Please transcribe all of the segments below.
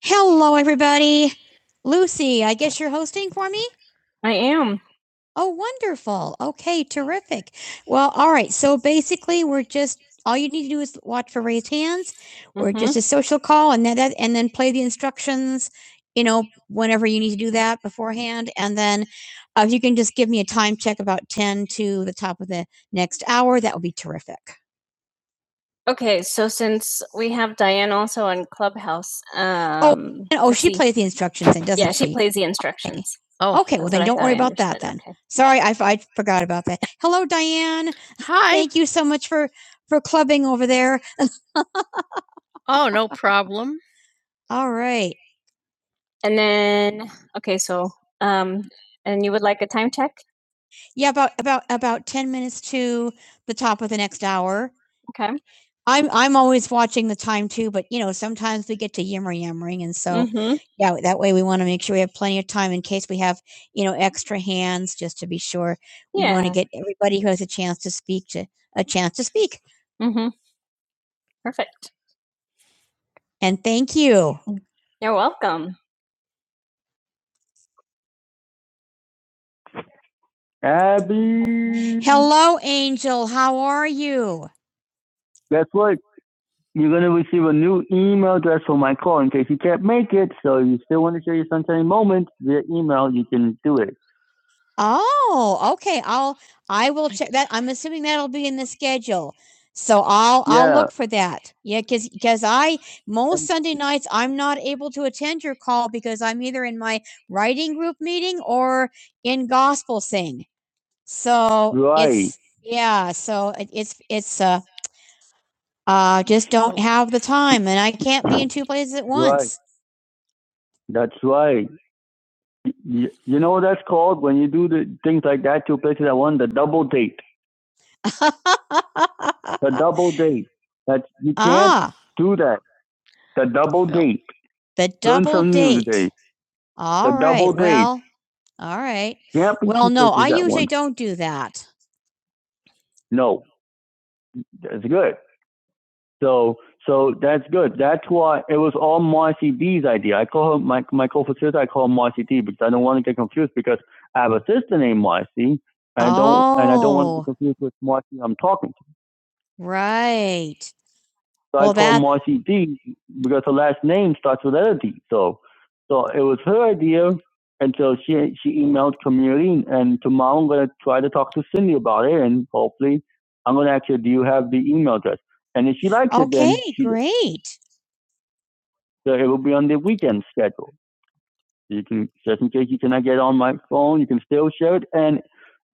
Hello, everybody. Lucy, I guess you're hosting for me? Oh, wonderful. Okay, terrific. Well, all right. So basically, we're just all you need to do is watch for raised hands we or just a social call and then that, and then play the instructions, you know, whenever you need to do that beforehand. And then uh, if you can just give me a time check about 10 to the top of the next hour, that would be terrific. Okay, so since we have Diane also on Clubhouse, Oh, um, And, oh, she see. plays the instructions then, doesn't yeah, she she? plays the instructions. Okay, well That's what then what I don't thought worry I about that understood. then. Okay. Sorry, I, I forgot about that. Hello, Diane. Thank you so much for for clubbing over there. All right. And then, okay, so um, and you would like a time check? Yeah, about about about ten minutes to the top of the next hour. Okay. I'm I'm always watching the time too, but you know, sometimes we get to yammer yammering and so hmm yeah, that way we want to make sure we have plenty of time in case we have, you know, extra hands just to be sure. We want to Yeah. get everybody who has a chance to speak to a chance to speak. mm hmm Perfect. And thank you. You're welcome. Abby, Hello, Angel. How are you? guess what? You're gonna receive a new email address for my call in case you can't make it. So if you still want to share your sunshiny moment via email, you can do it. Oh, okay. I'll I will check that. I'm assuming that'll be in the schedule. So I'll I'll Yeah. look for that. Yeah, because because I most And Sunday nights I'm not able to attend your call because I'm either in my writing group meeting or in gospel sing. So right. it's yeah. So it, it's it's uh uh just don't have the time and I can't be in two places at Right. once. That's right. You, you know what that's called when you do the things like that, two places at one, the double date. The double date. That you can't ah, do that. The double date. the double some date. today. The All right. double date. Well, all right. You Well, no, I usually one. don't do that. No, that's good. So so that's good. That's why it was all Marcy B's idea. I call her my my co-facilitator. I call her Marcy D because I don't want to get confused because I have a sister named Marcy. I oh. don't and I don't want to be Oh, confused with Marcy I'm talking to. right. So Well, I that- called Marcy D because her last name starts with letter D. So, so it was her idea, and so she she emailed community. And tomorrow I'm gonna try to talk to Cindy about it, and hopefully I'm gonna ask her, do you have the email address? And if she likes okay, it, then Okay, great. so it will be on the weekend schedule. So You can just in case you cannot get on my phone, you can still share it, and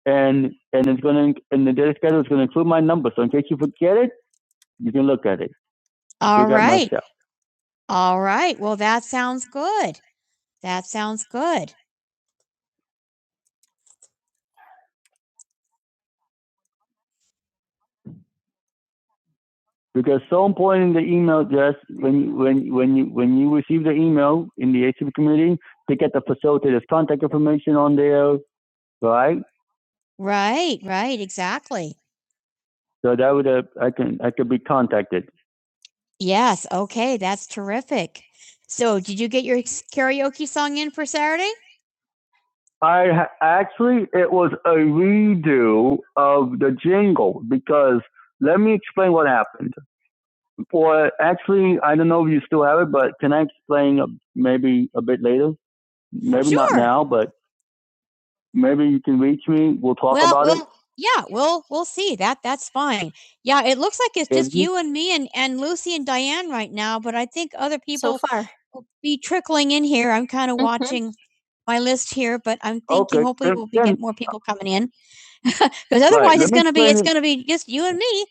and and it's gonna and the data schedule is gonna include my number. So in case you forget it, you can look at it. All right. All right. Well, that sounds good. That sounds good. because so important in the email address when when when you when you receive the email in the HCP community to get the facilitator's contact information on there, right? Right, right, exactly. So that would uh, I can I could be contacted. Yes. Okay, that's terrific. So, did you get your karaoke song in for Saturday? I actually it was a redo of the jingle because let me explain what happened. Or actually, I don't know if you still have it, but can I explain uh, maybe a bit later? Maybe sure. not Sure. now, but maybe you can reach me. We'll talk Well, about it. we'll it. yeah, we'll we'll see. That that's fine. Yeah, it looks like it's If just you you and me and and Lucy and Diane right now, but I think other So people so far. will be trickling in here. I'm kind of hmm watching my list here, but I'm Okay, thinking okay. hopefully we'll be get more people coming in because otherwise let it's gonna be it's gonna be just you and me.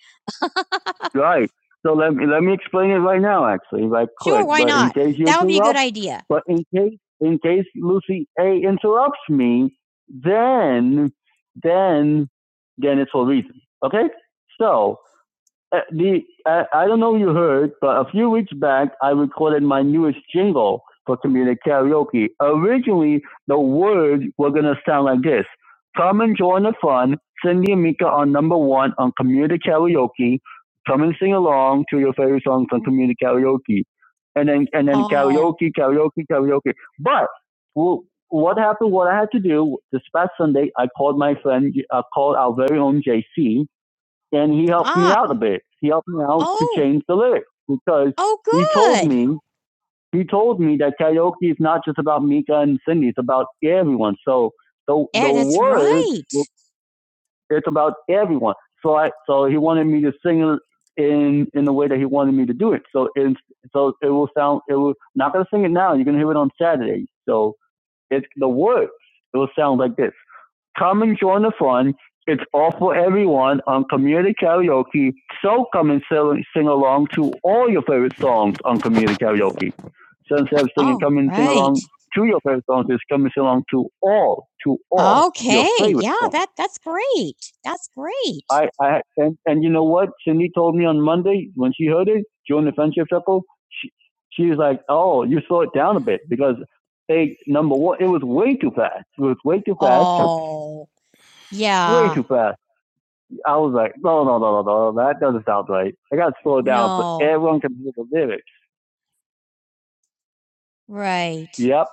Right. So let me let me explain it right now. Actually, if I could, Sure, why but not? That would be a good idea. but in case in case Lucy A interrupts me, then then then it's for a reason. Okay. So uh, the uh, I don't know if you heard, but a few weeks back I recorded my newest jingle for community karaoke. Originally, the words were gonna sound like this: "Come and join the fun, Cindy and Mika are number one on community karaoke. Come and sing along to your favorite songs on community karaoke." And then and then Oh. karaoke, karaoke, karaoke. But well, what happened? What I had to do this past Sunday, I called my friend, I called our very own JC and he helped me Ah. out a bit. He helped me out Oh. to Oh. change the lyrics because Oh, he told good. me he told me that karaoke is not just about Mika and Cindy; it's about everyone. So the Yeah, the that's words right. it's about everyone. So I so he wanted me to sing it in in the way that he wanted me to do it. So in so it will sound it will not gonna sing it now. You're gonna hear it on Saturday. So it's the words. It will sound like this. Come and join the fun. It's all for everyone on Community Karaoke. So come and sing, sing along to all your favorite songs on Community Karaoke. So instead of singing, All come and right. sing along right. to your favorite songs. It's come and sing along to all, to all your Okay. Yeah, songs. that that's great. That's great. I, I and, and you know what? Cindy told me on Monday when she heard it, during the friendship circle, she, she was like, "Oh, you slow it down a bit because like number one, it was way too fast. It was way too fast. Oh, yeah, Way yeah. too fast. I was like, no, no, no, no, no, no, that doesn't sound right. I got to slow it down so No. so everyone can hear the lyrics. Right. Yep.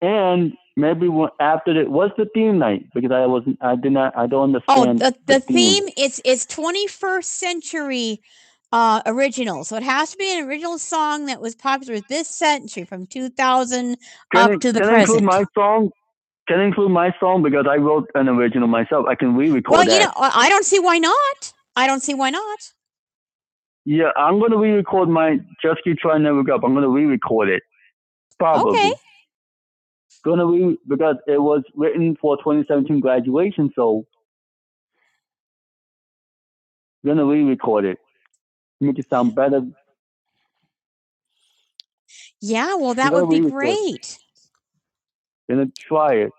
And maybe when- after it was the theme night because I wasn't, I did not, I don't Oh, understand Oh, the, the the theme theme is is 21st century uh original. So it has to be an original song that was popular this century from 2000 Can up it- to the can present. Can I include my song? can include my song because I wrote an original myself. I can re-record well, that. Well, you know, I don't see why not. I don't see why not. Yeah, I'm gonna re-record my Just Keep Trying Never Give Up. I'm gonna re-record it. Probably. Okay. Gonna re because it was written for 2017 graduation, so gonna re-record it. Make it sound better. Yeah, well, that would be great. Gonna try it.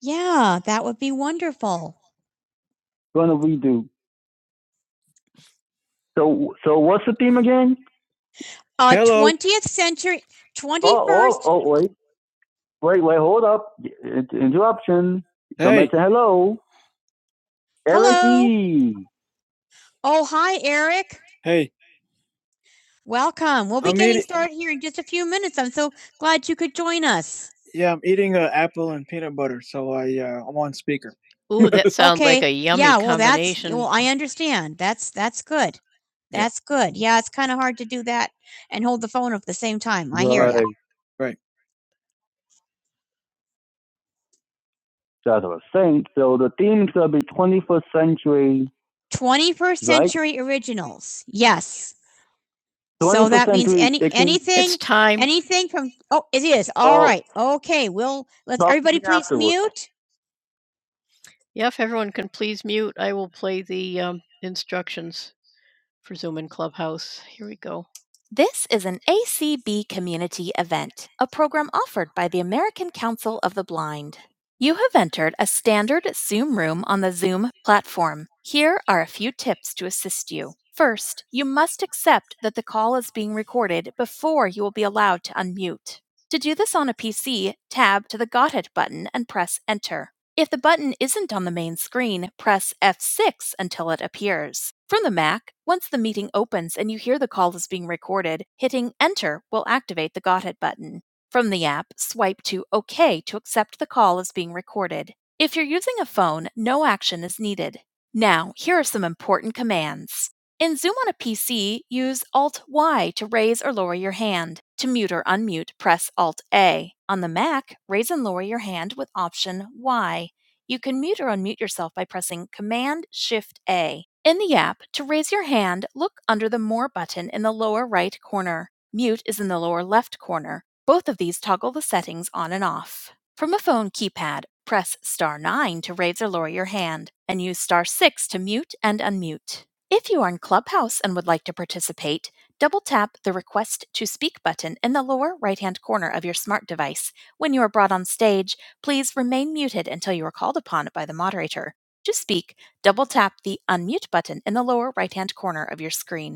Yeah, that would be wonderful. Gonna redo. So so what's the theme again? Uh, Hello. 20th century, 21st Oh, oh, oh wait. Wait, wait, hold up. Interruption. Somebody Hey, say hello. Eric Hello. E. Oh, hi, Eric. hey, Welcome. We'll be I'm getting eating- started here in just a few minutes. I'm so glad you could join us. yeah, I'm eating an apple and peanut butter, so I uh, I'm on speaker. I understand. That's that's good. Yeah. That's yeah. good. Yeah, it's kind of hard to do that and hold the phone up at the same time. I right. hear you. Right. Right. That's what I was saying, So the theme's gonna be 21st century. 21st Right. century right? originals. Yes. So that means any, it anything, anything from, oh, it is. All Oh. right. Okay. Well, let's, everybody please afterwards. mute. This is an ACB community event, a program offered by the American Council of the Blind. You have entered a standard Zoom room on the Zoom platform. Here are a few tips to assist you. First, you must accept that the call is being recorded before you will be allowed to unmute. To do this on a PC, tab to the Got It button and press Enter. If the button isn't on the main screen, press F6 until it appears. From the Mac, once the meeting opens and you hear the call is being recorded, hitting Enter will activate the Got It button. From the app, swipe to OK to accept the call is being recorded. If you're using a phone, no action is needed. Now, here are some important commands. In Zoom on a PC, use Alt Y to raise or lower your hand. To mute or unmute, press Alt A. On the Mac, raise and lower your hand with Option Y. You can mute or unmute yourself by pressing Command Shift A. In the app, to raise your hand, look under the More button in the lower right corner. Mute is in the lower left corner. Both of these toggle the settings on and off. From a phone keypad, press star 9 to raise or lower your hand and use star 6 to mute and unmute. If you are in Clubhouse and would like to participate, double tap the Request to Speak button in the lower right hand corner of your smart device. When you are brought on stage, please remain muted until you are called upon by the moderator. To speak, double tap the Unmute button in the lower right hand corner of your screen.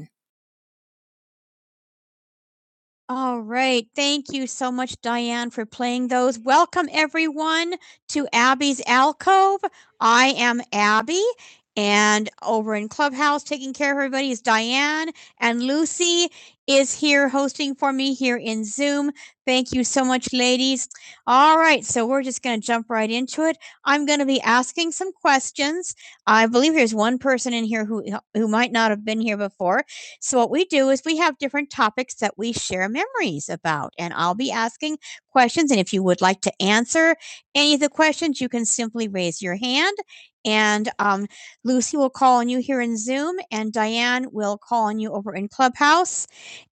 All right. Thank you so much, Diane, for playing those. Welcome, everyone, to Abby's Alcove. I am Abby, and over in Clubhouse, taking care of everybody is Diane, and Lucy is here hosting for me here in Zoom. Thank you so much, ladies. All right. So we're just going to jump right into it. I'm going to be asking some questions. I believe there's one person in here who, who might not have been here before. So, what we do is we have different topics that we share memories about, and I'll be asking questions. And if you would like to answer any of the questions, you can simply raise your hand. And um, Lucy will call on you here in Zoom, and Diane will call on you over in Clubhouse.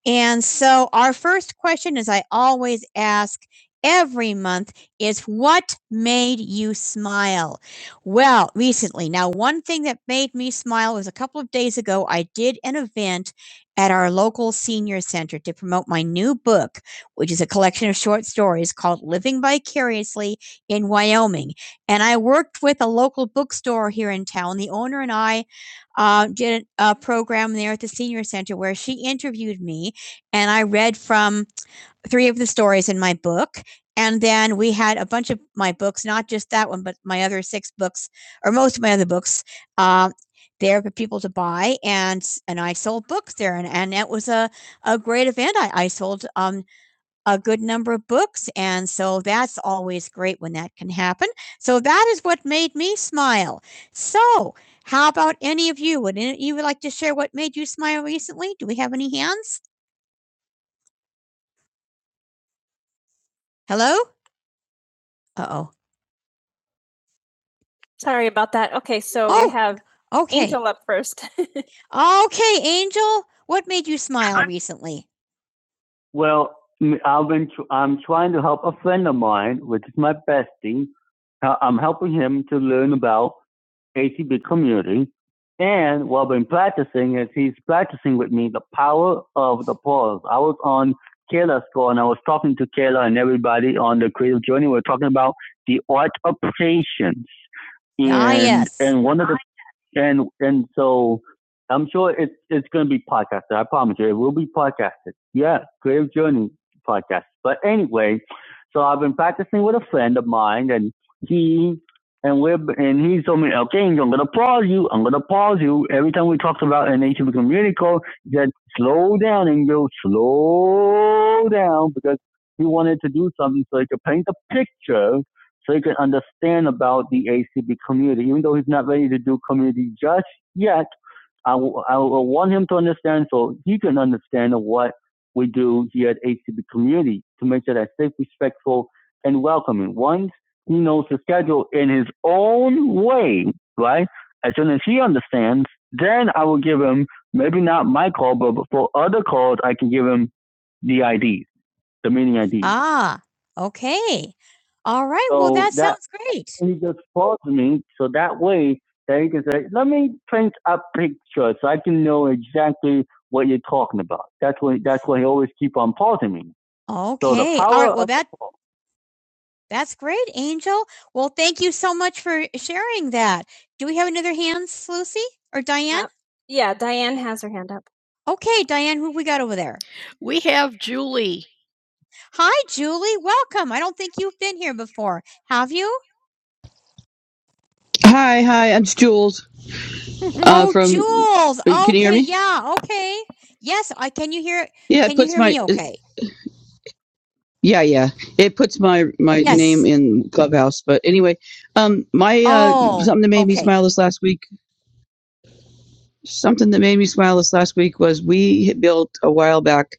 And so, our first question, as I always ask every month, is what made you smile? Well, recently. Now, one thing that made me smile was a couple of days ago, I did an event at our local senior center to promote my new book, which is a collection of short stories called Living Vicariously in Wyoming. And I worked with a local bookstore here in town. The owner and I uh, did a program there at the senior center where she interviewed me and I read from three of the stories in my book. And then we had a bunch of my books, not just that one, but my other six books, or most of my other books, uh, there for people to buy. And and I sold books there, and and that was a a great event. I, I sold um a good number of books, and so that's always great when that can happen. So that is what made me smile. So. How about any of you? Would any of you like to share what made you smile recently? Do we have any hands? Hello? Uh oh. Sorry about that. Okay, so Oh, we have Okay. Angel up first. Okay, Angel, what made you smile recently? Well, i I've been tr- I'm trying to help a friend of mine, which is my bestie. Uh, I'm helping him to learn about ACB community. And what I've been practicing is he's practicing with me the power of the pause. I was on Kayla's call and I was talking to Kayla and everybody on the creative journey. We are talking about the art of patience. And, Ah, yes. and one of the and and so I'm sure it's it's going to be podcasted. I promise you, it will be podcasted. Yeah, Creative Journey podcast. But anyway, so I've been practicing with a friend of mine, and he and we're and he told me, okay, I'm gonna pause you. I'm gonna pause you every time we talked about an ancient community code. He said, slow down, and go slow down because he wanted to do something so he could paint a picture so he can understand about the ACB community. Even though he's not ready to do community just yet, I will I will want him to understand so he can understand what we do here at ACB community to make sure that safe, respectful, and welcoming. Once he knows the schedule in his own way, right? As soon as he understands, then I will give him maybe not my call, but for other calls, I can give him the IDs the meeting ID. Ah, okay. All right. well, So that, that- sounds great. he just calls me so that way that he can say, let me print a picture so I can know exactly what you're talking about. That's why that's why he always keep on pausing me. So the Okay. power All power right. Well, of- that that's great, Angel. Well, thank you so much for sharing that. Do we have another hands, Lucy or Diane? Yep. Yeah, Diane has her hand up. Okay, Diane, who we got over there? Hi, Julie. Welcome. I don't think you've been here before, have you? Hi, hi. I'm Jules. Mhm. Uh, Oh, from Jules. can you hear Okay, me? yeah. Okay. Yes. I can you hear Yeah, it can you puts hear my me okay? yeah, yeah. It puts my my name Yes. in Clubhouse. But anyway, um, my uh, Oh, something that made me okay. smile this last week. Something that made me smile this last week was we had built a while back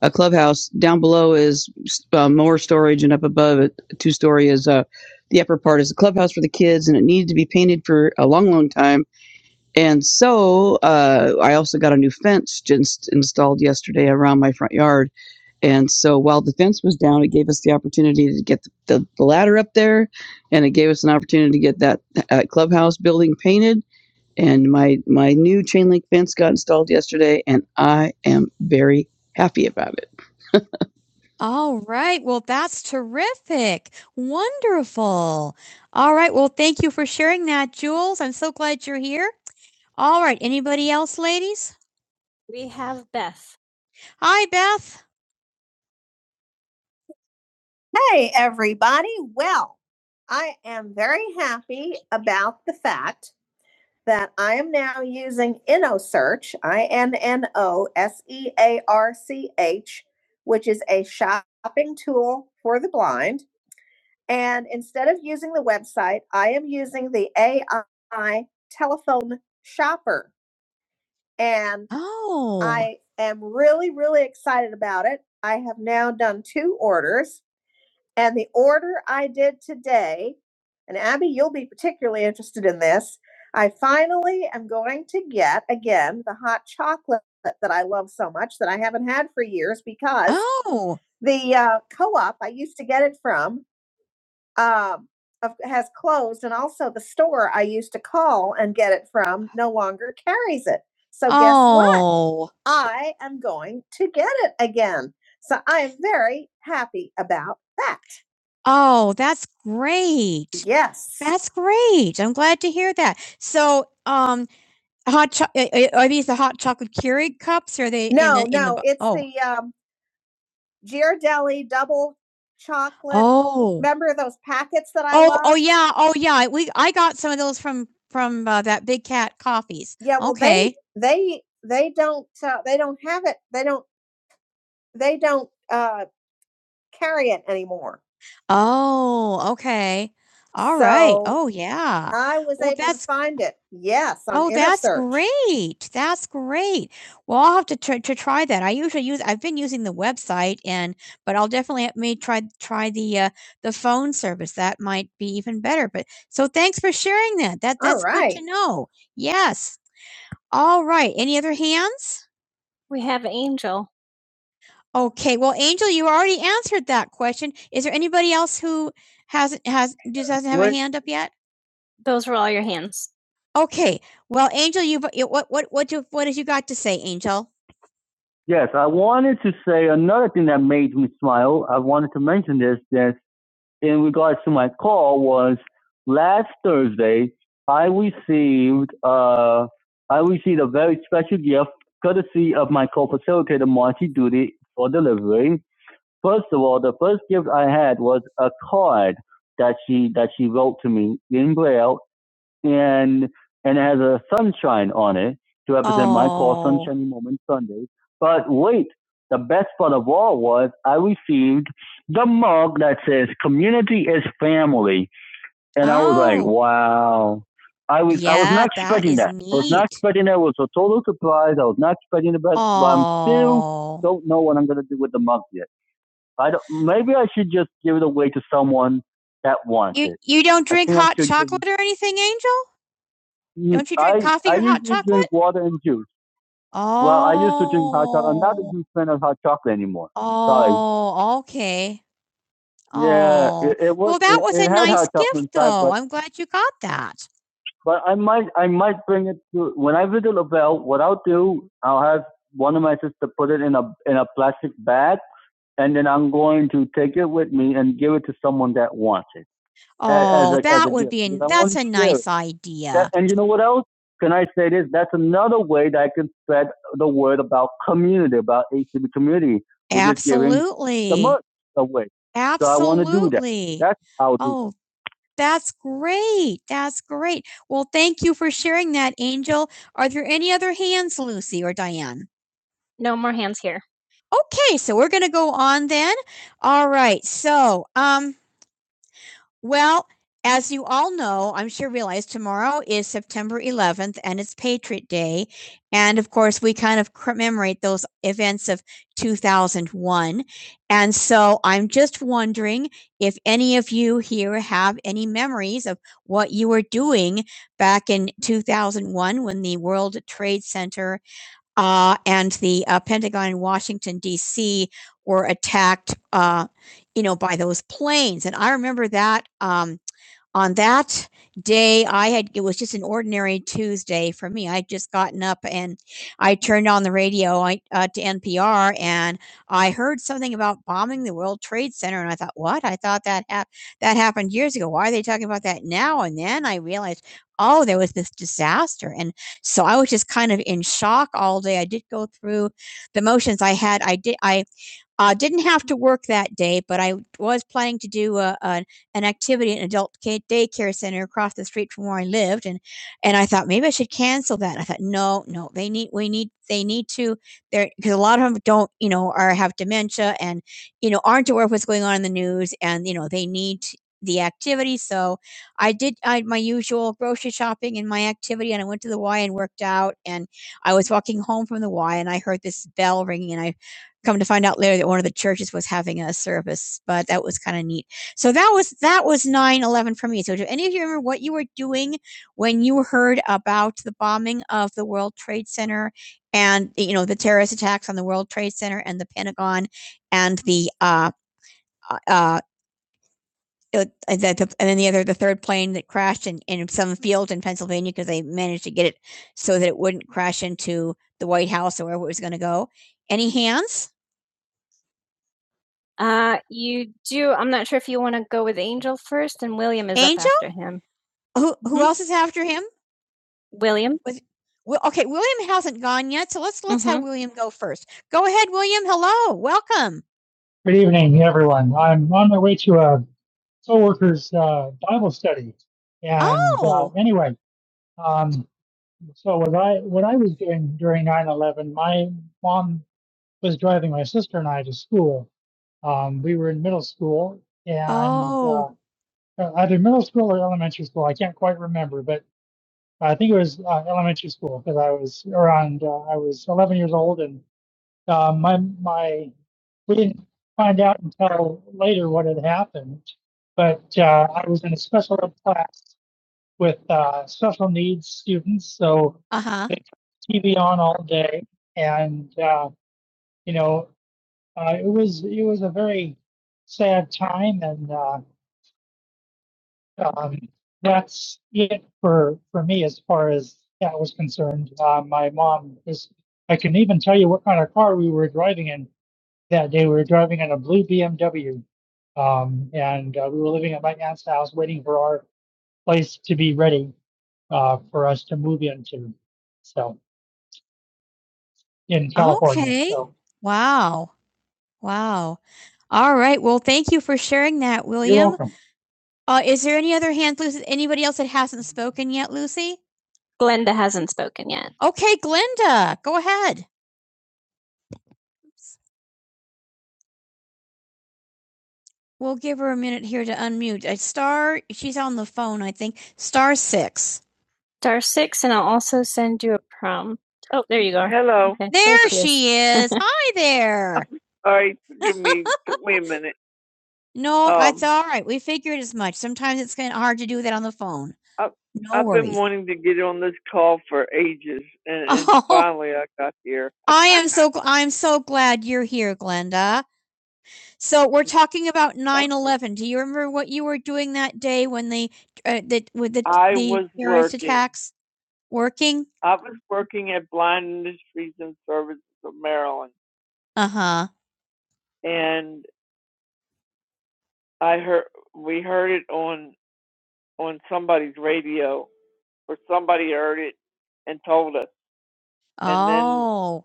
a clubhouse. Down below is uh, more storage, and up above it, two story is uh, the upper part is a clubhouse for the kids, and it needed to be painted for a long, long time And so uh, I also got a new fence just installed yesterday around my front yard. And so while the fence was down, it gave us the opportunity to get the, the ladder up there, and it gave us an opportunity to get that uh, clubhouse building painted. And my my new chain link fence got installed yesterday, and I am very happy about it. All right. Well, that's terrific. Wonderful. All right. Well, thank you for sharing that, Jules. I'm so glad you're here. All right. Anybody else, ladies? We have Beth. Hi, Beth. Hey, everybody. Well, I am very happy about the fact that I am now using InnoSearch, I N N O S E A R C H, which is a shopping tool for the blind. And instead of using the website, I am using the AI telephone shopper. And Oh. I am really, really excited about it. I have now done two orders. And the order I did today, and Abby, you'll be particularly interested in this. I finally am going to get again the hot chocolate that I love so much that I haven't had for years because Oh. the uh, co-op I used to get it from um, has closed, and also the store I used to call and get it from no longer carries it. So guess oh. what? oh. I am going to get it again. So I am very happy about that. Oh, that's great. Yes. That's great. I'm glad to hear that. So, um, hot cho- uh, uh, are these the hot chocolate Keurig cups? Or are they in No, the in the no, bo- it's oh the um, Ghirardelli double chocolate. oh Remember those packets that I oh oh love? yeah oh yeah. We I got some of those from from uh, that Big Cat Coffees. Yeah, well, they Okay. they they don't uh, they don't have it. They don't they don't uh, carry it anymore. Oh, okay. All right. So, Oh, yeah. I was Well, able to that's find it. Yes, on Oh, in a that's InnerSearch. great. That's great. Well, I'll have to try to try that. I usually use I've been using the website and but I'll definitely have me try try the uh the phone service. That might be even better. But so thanks for sharing that. That All that's good right. to know. Yes. All right. Any other hands? We have Angel. Okay, well, Angel, you already answered that question. Is there anybody else who hasn't has just hasn't have a What? hand up yet? Those were all your hands. Okay, well, Angel, you what what what do, what have you got to say, Angel? Yes, I wanted to say another thing that made me smile. I wanted to mention this that in regards to my call was last Thursday I received uh I received a very special gift courtesy of my co-facilitator Marcy Duty for delivery. First of all, the first gift I had was a card that she that she wrote to me in Braille, and and it has a sunshine on it to represent Aww. my call, Oh, Sunshiny Moment Sundays. But wait, the best part of all was I received the mug that says "Community is Family," and oh. I was like, oh, "Wow." I was yeah, I was yeah, not expecting is that. I was not expecting that. It was a total surprise. I was not expecting the best, Aww. but I'm still Oh, don't know what I'm gonna do with the mug yet. I don't, maybe I should just give it away to someone that wants You it. you don't drink hot chocolate or anything, Angel? Don't you drink I, coffee I with hot chocolate? I used to drink water and juice. Oh. Well, I used to drink hot chocolate. I'm not a huge fan of hot chocolate anymore. Oh, Sorry. okay. Oh. Yeah, Oh. it, it was. well, that it- was a nice gift, though. but, I'm glad you got that. but I might, I might bring it to when I visit Lavelle. What I'll do, I'll have one of my sisters put it in a in a plastic bag, and then I'm going to take it with me and give it to someone that wants it. Oh, a- as that a would be an, that's a nice idea. That- and you know what else? Can I say this? That's another way that I can spread the word about community, about HCB community. Absolutely. The merch away. Absolutely. So I wanna do that. Absolutely. That's how. to- Oh, that's great. That's great. Well, thank you for sharing that, Angel. Are there any other hands, Lucy or Diane? No more hands here. Okay, so we're going to go on then. All right. So, um, well, as you all know, I'm sure realize tomorrow is September 11th and it's Patriot Day. And of course, we kind of commemorate those events of 2001. And so I'm just wondering if any of you here have any memories of what you were doing back in 2001 when the World Trade Center uh, and the uh, Pentagon in Washington, D.C. were attacked, uh, you know, by those planes. And I remember that. Um, on that day i had it was just an ordinary tuesday for me i'd just gotten up and i turned on the radio I, uh, to npr and i heard something about bombing the world trade center and i thought what i thought that hap- that happened years ago why are they talking about that now and then i realized oh there was this disaster and so i was just kind of in shock all day i did go through the motions i had i did i uh, didn't have to work that day, but I was planning to do a, a, an activity at an adult ca- daycare center across the street from where I lived, and and I thought maybe I should cancel that. And I thought no, no, they need we need they need to there because a lot of them don't you know are have dementia and you know aren't aware of what's going on in the news, and you know they need the activity. So I did I, my usual grocery shopping and my activity, and I went to the Y and worked out, and I was walking home from the Y and I heard this bell ringing, and I come to find out later that one of the churches was having a service, but that was kind of neat. So that was that was nine eleven for me. So do any of you remember what you were doing when you heard about the bombing of the World Trade Center and you know the terrorist attacks on the World Trade Center and the Pentagon and the uh uh uh, uh, the, the, and then the other, the third plane that crashed in, in some field in Pennsylvania because they managed to get it so that it wouldn't crash into the White House or wherever it was going to go. Any hands? Uh, you do I'm not sure if you wanna go with Angel first, and William is Angel? up after him. Who who Mhm. else is after him? William? With Wi okay, William hasn't gone yet, so let's let's mm-hmm. have Mhm. William go first. Go ahead, William. Hello, welcome. Wow, wow. All right, well, thank you for sharing that, William. Uh, is there any other hands, Lucy anybody else that hasn't spoken yet, Lucy? Glenda hasn't spoken yet. Okay, Glenda, go ahead. We'll give her a minute here to unmute. A star, she's on the phone, I think. Star six. Star six, and I'll also send you a prompt. Oh, there you go. Hello. Okay, There there she she is. Hi there. All right, give me, give me a minute. No, Um, that's all right. We figured as much. Sometimes it's kind of hard to do that on the phone. No I've worries. been wanting to get on this and, and Oh. here. I am so I'm so glad you're here, Glenda. So we're talking about nine eleven. Do you remember what you were doing that day when they uh, that with the trucks working? Uh-huh. Oh,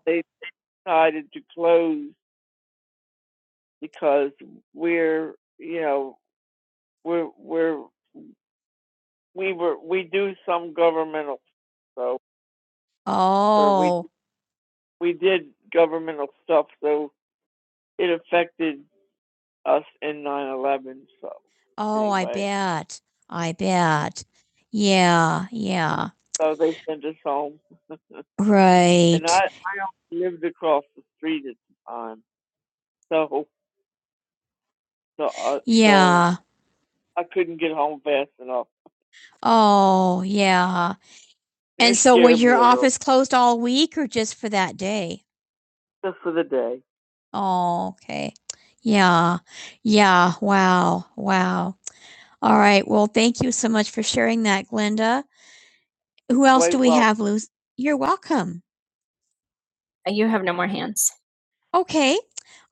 oh, oh, bet. I bet. Yeah, yeah. Right. Oh, yeah. It's closed all week or just for that day? Oh, okay. Yeah. Yeah. Wow. Wow. All right. Well, thank you so much for sharing that, Glenda. Who You're welcome. You have no more hands. Okay.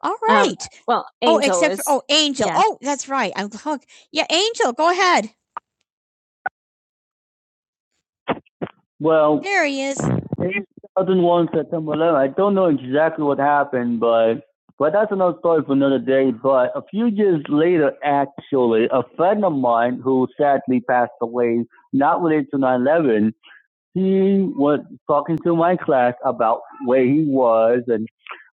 all right. Um, right. Well, Angel oh, except is. for, oh, Angel. yeah. Oh, that's right. I'm hooked. Yeah, Angel, go ahead. Well, There he is. it's 2001 September 11. I don't know exactly what happened, but but that's another story for another day. But a few years later, actually, a friend of mine who sadly passed away, not related to nine eleven, he was talking to my class about where he was and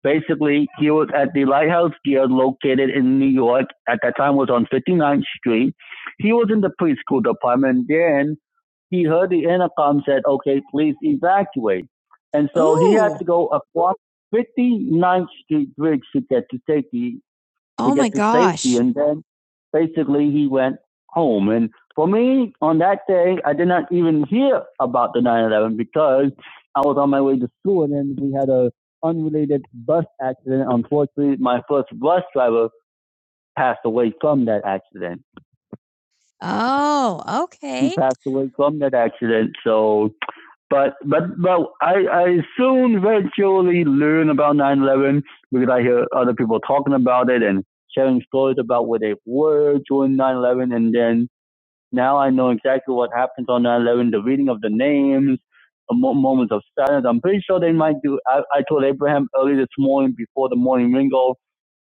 Basically, he was at the Lighthouse Gear located in New York. At that time, was on 59th Street. He was in the preschool department. Then he heard the intercom said, "Okay, please evacuate." And so Ooh. he had to go across 59th Street Bridge to get to safety to Oh my get to safety. gosh. And then basically he went home. And for me, on that day, I did not even hear about the nine eleven because I was on my way to school, and then we had a unrelated bus accident. Unfortunately, my first bus driver passed away from that accident. Oh, He okay. passed away from that accident. So, but but but I I soon eventually learn about nine eleven because I hear other people talking about it and sharing stories about where they were during nine eleven, and then now I know exactly what happens on nine eleven. the reading of the names, the moments of silence. I'm pretty sure they might do. I, I told Abraham early this morning before the morning ringo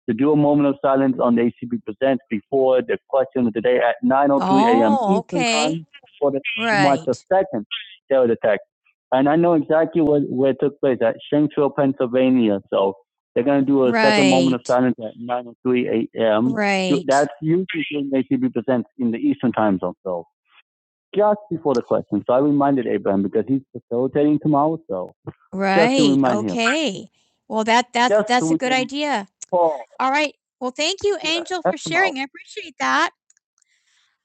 to do a moment of silence on the ACB Presents before the question of the day at 9.03 a.m. Oh, Eastern okay. Eastern Time for the right. March Right. the 2nd terror attack. And I know exactly what, where it took place at Shanksville, Pennsylvania. So they're going to do a right. second moment of Right. silence at 9:03 a.m. Right. That's usually when they should be present in the Eastern time zone, so just before the question. So I reminded Abraham because he's facilitating tomorrow. So Right. remind him. Okay. Well, that that that's that's so a good idea. Paul, All right. Well, thank you, Yeah, Angel, yeah, for that's about- sharing. Tomorrow. I appreciate that.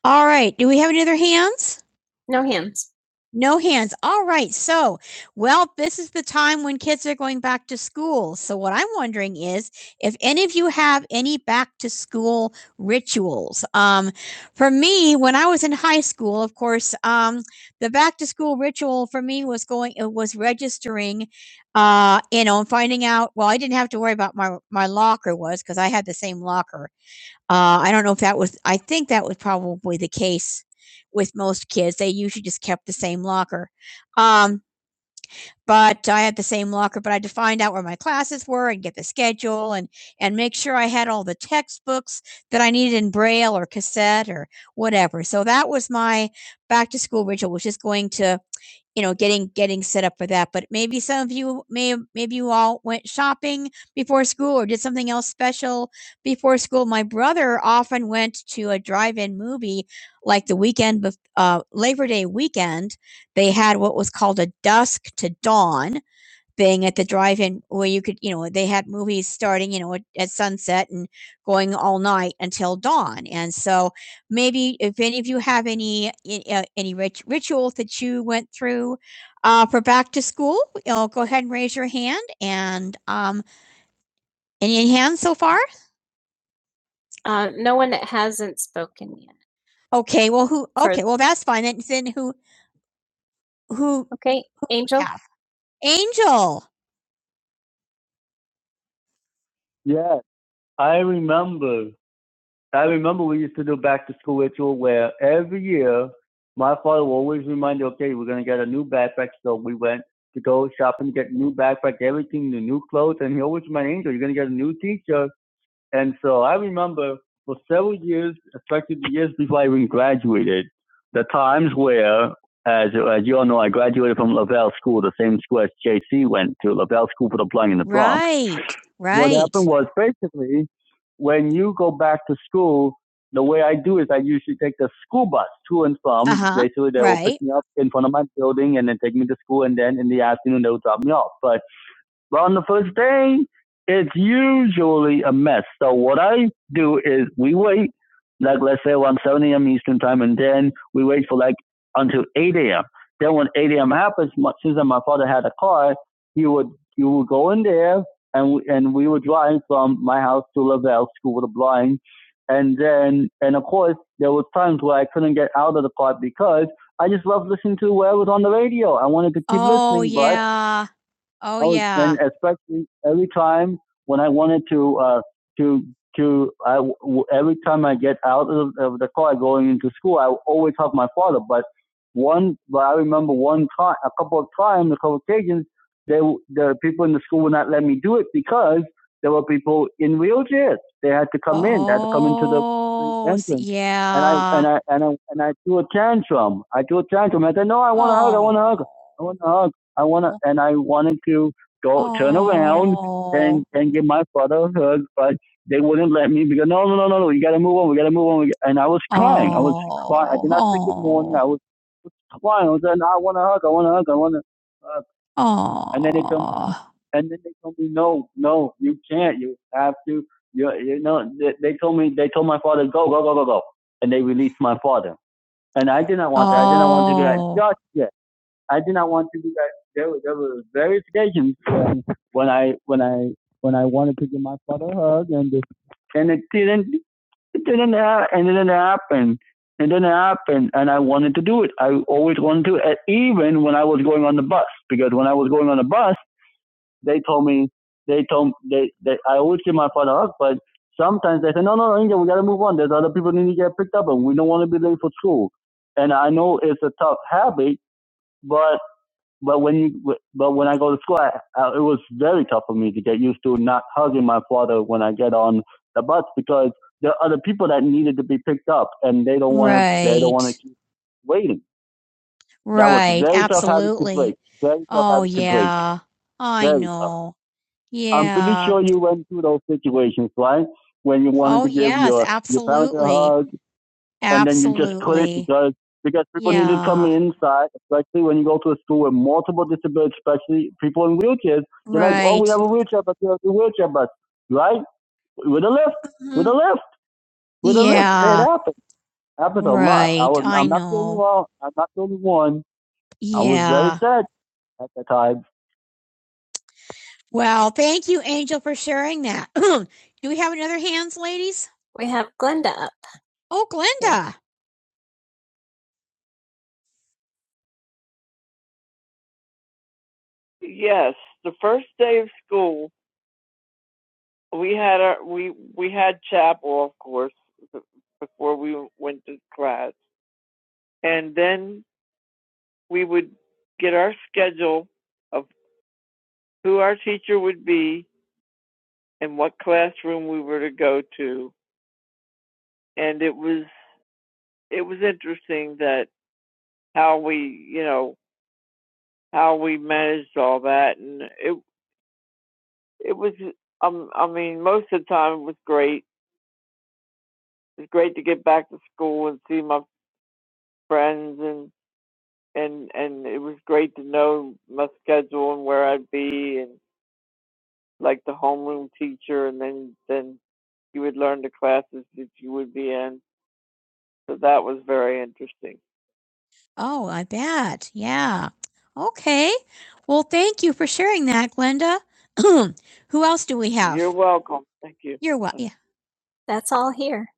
All right. Do we have any other hands? No hands. No hands. All right. So, well, this is the time when kids are going back to school. So, what I'm wondering is if any of you have any back to school rituals. Um, for me, when I was in high school, of course, um, the back to school ritual for me was going, it was registering, uh, you know, and finding out. Well, I didn't have to worry about my my locker was because I had the same locker uh, I don't know if that was, I think that was probably the case with most kids. They usually just kept the same locker. Um, but I had the same locker, but I had to find out where my classes were and get the schedule and and make sure I had all the textbooks that I needed in braille or cassette or whatever. So that was my back to school ritual, which is going to you know getting getting set up for that but maybe some of you may maybe you all went shopping before school or did something else special before school my brother often went to a drive-in movie like the weekend bef- uh, labor day weekend they had what was called a dusk to dawn thing at the drive-in where you could, you know, they had movies starting, you know, at, at sunset and going all night until dawn. And so maybe if any of you have any uh, any rit- rituals that you went through uh, for back to school, you know, go ahead and raise your hand. And um, any hands so far? Uh, no one that hasn't spoken yet. Okay, well, who? For- Okay, well, that's fine. Then, then who? Who? Okay, Angel. Angel. Yes. I remember. I remember we used to do back to school ritual where every year my father would always remind you, okay, we're gonna get a new backpack. So we went to go shop and get new backpack, everything, the new clothes, and he always reminded Angel, you're gonna get a new teacher and so I remember for several years, effectively years before I even graduated, the times where, as, as you all know, I graduated from Lavelle School, the same school as JC went to, Lavelle School for the Blind in the Bronx. Right. right. What Right. happened was basically when you go back to school, the way I do is I usually take the school bus to and from. Uh-huh, Basically, they will right. pick me up in front of my building and then take me to school, and then in the afternoon they will drop me off. But but on the first day, it's usually a mess. So what I do is we wait, like let's say around 7 a.m. Eastern time, and then we wait for like until 8 a.m. Then when 8 a.m. happens, since my father had a car, he would he would go in there, and we, and we would drive from my house to Lavelle School of the Blind, and then and of course there was times where I couldn't get out of the car because I just loved listening to whatever was on the radio. I wanted to keep Oh listening, Oh yeah. Oh Oh, yeah. and especially every time when I wanted to uh, to to I w every time I get out of, of the car going into school, I always help my father. But one, but I remember one time, a couple of times, a couple of occasions, they w- the people in the school would not let me do it because there were people in wheelchairs. They had to come in, they had to come into the the Oh, s- entrance and I yeah. and I and I and I threw a tantrum. I threw a tantrum. I said, "No, I want to hug. I want to hug. Oh. I want to hug." I wanna and I wanted to go turn around Oh. and and give my father a hug, but they wouldn't let me because no, no, no, no, no, you gotta move on, we gotta move on. we- g- And I was crying, I was crying. I did not say good morning. Oh. I oh, was crying. I was saying, I want to hug, I want to hug, I want to hug. Oh. And then it comes, and then they told me, no, no, you can't. You have to. You, you know, they, they told me, they told my father, go, go, go, go, go, and they released my father. And I did not want that. I did not want to do that. Oh. Just yeah, I did not want to do that. There were, there were verifications when, when I when I when I wanted to give my father a hug, and it, and it didn't it didn't ha- and it didn't happen. It didn't happen, and I wanted to do it. I always wanted to, and even when I was going on the bus, because when I was going on the bus, they told me they told they, they I always give my father a hug, but sometimes they say, no, no, no, Inga, we got to move on. There's other people that need to get picked up, and we don't want to be late for school. And I know it's a tough habit, but but when you but when I go to school, I, uh, it was very tough for me to get used to not hugging my father when I get on the bus because there are other people that needed to be picked up and they don't want to they don't Right. want to keep waiting. Right. Absolutely. Oh, yeah. I Very know. tough. know. I'm pretty Yeah. sure you went through those situations, right? When you wanted Oh, to give yes. your your parents a hug, Absolutely. and then you just put it because because people yeah. need to come Yeah. inside, especially when you go to a school with multiple disabilities, especially people in wheelchairs. They're like, oh, Right. we Right. have a wheelchair, but you have a wheelchair, bus, right with a lift, with hmm a Mhm. lift, with a lift. It Yeah. happens. It happens a lot. I Right. was, I I'm not the only know. one. I'm not the only one. I was very Yeah. sad at the time. Well, thank you, Angel, for sharing that. Do we have another hands, ladies? We have Glenda up. Oh, Yeah. Glenda. Oh, I bet. Yeah. Okay. Well, thank you for sharing that, Glenda. Who else do we have? You're wel yeah. That's all here.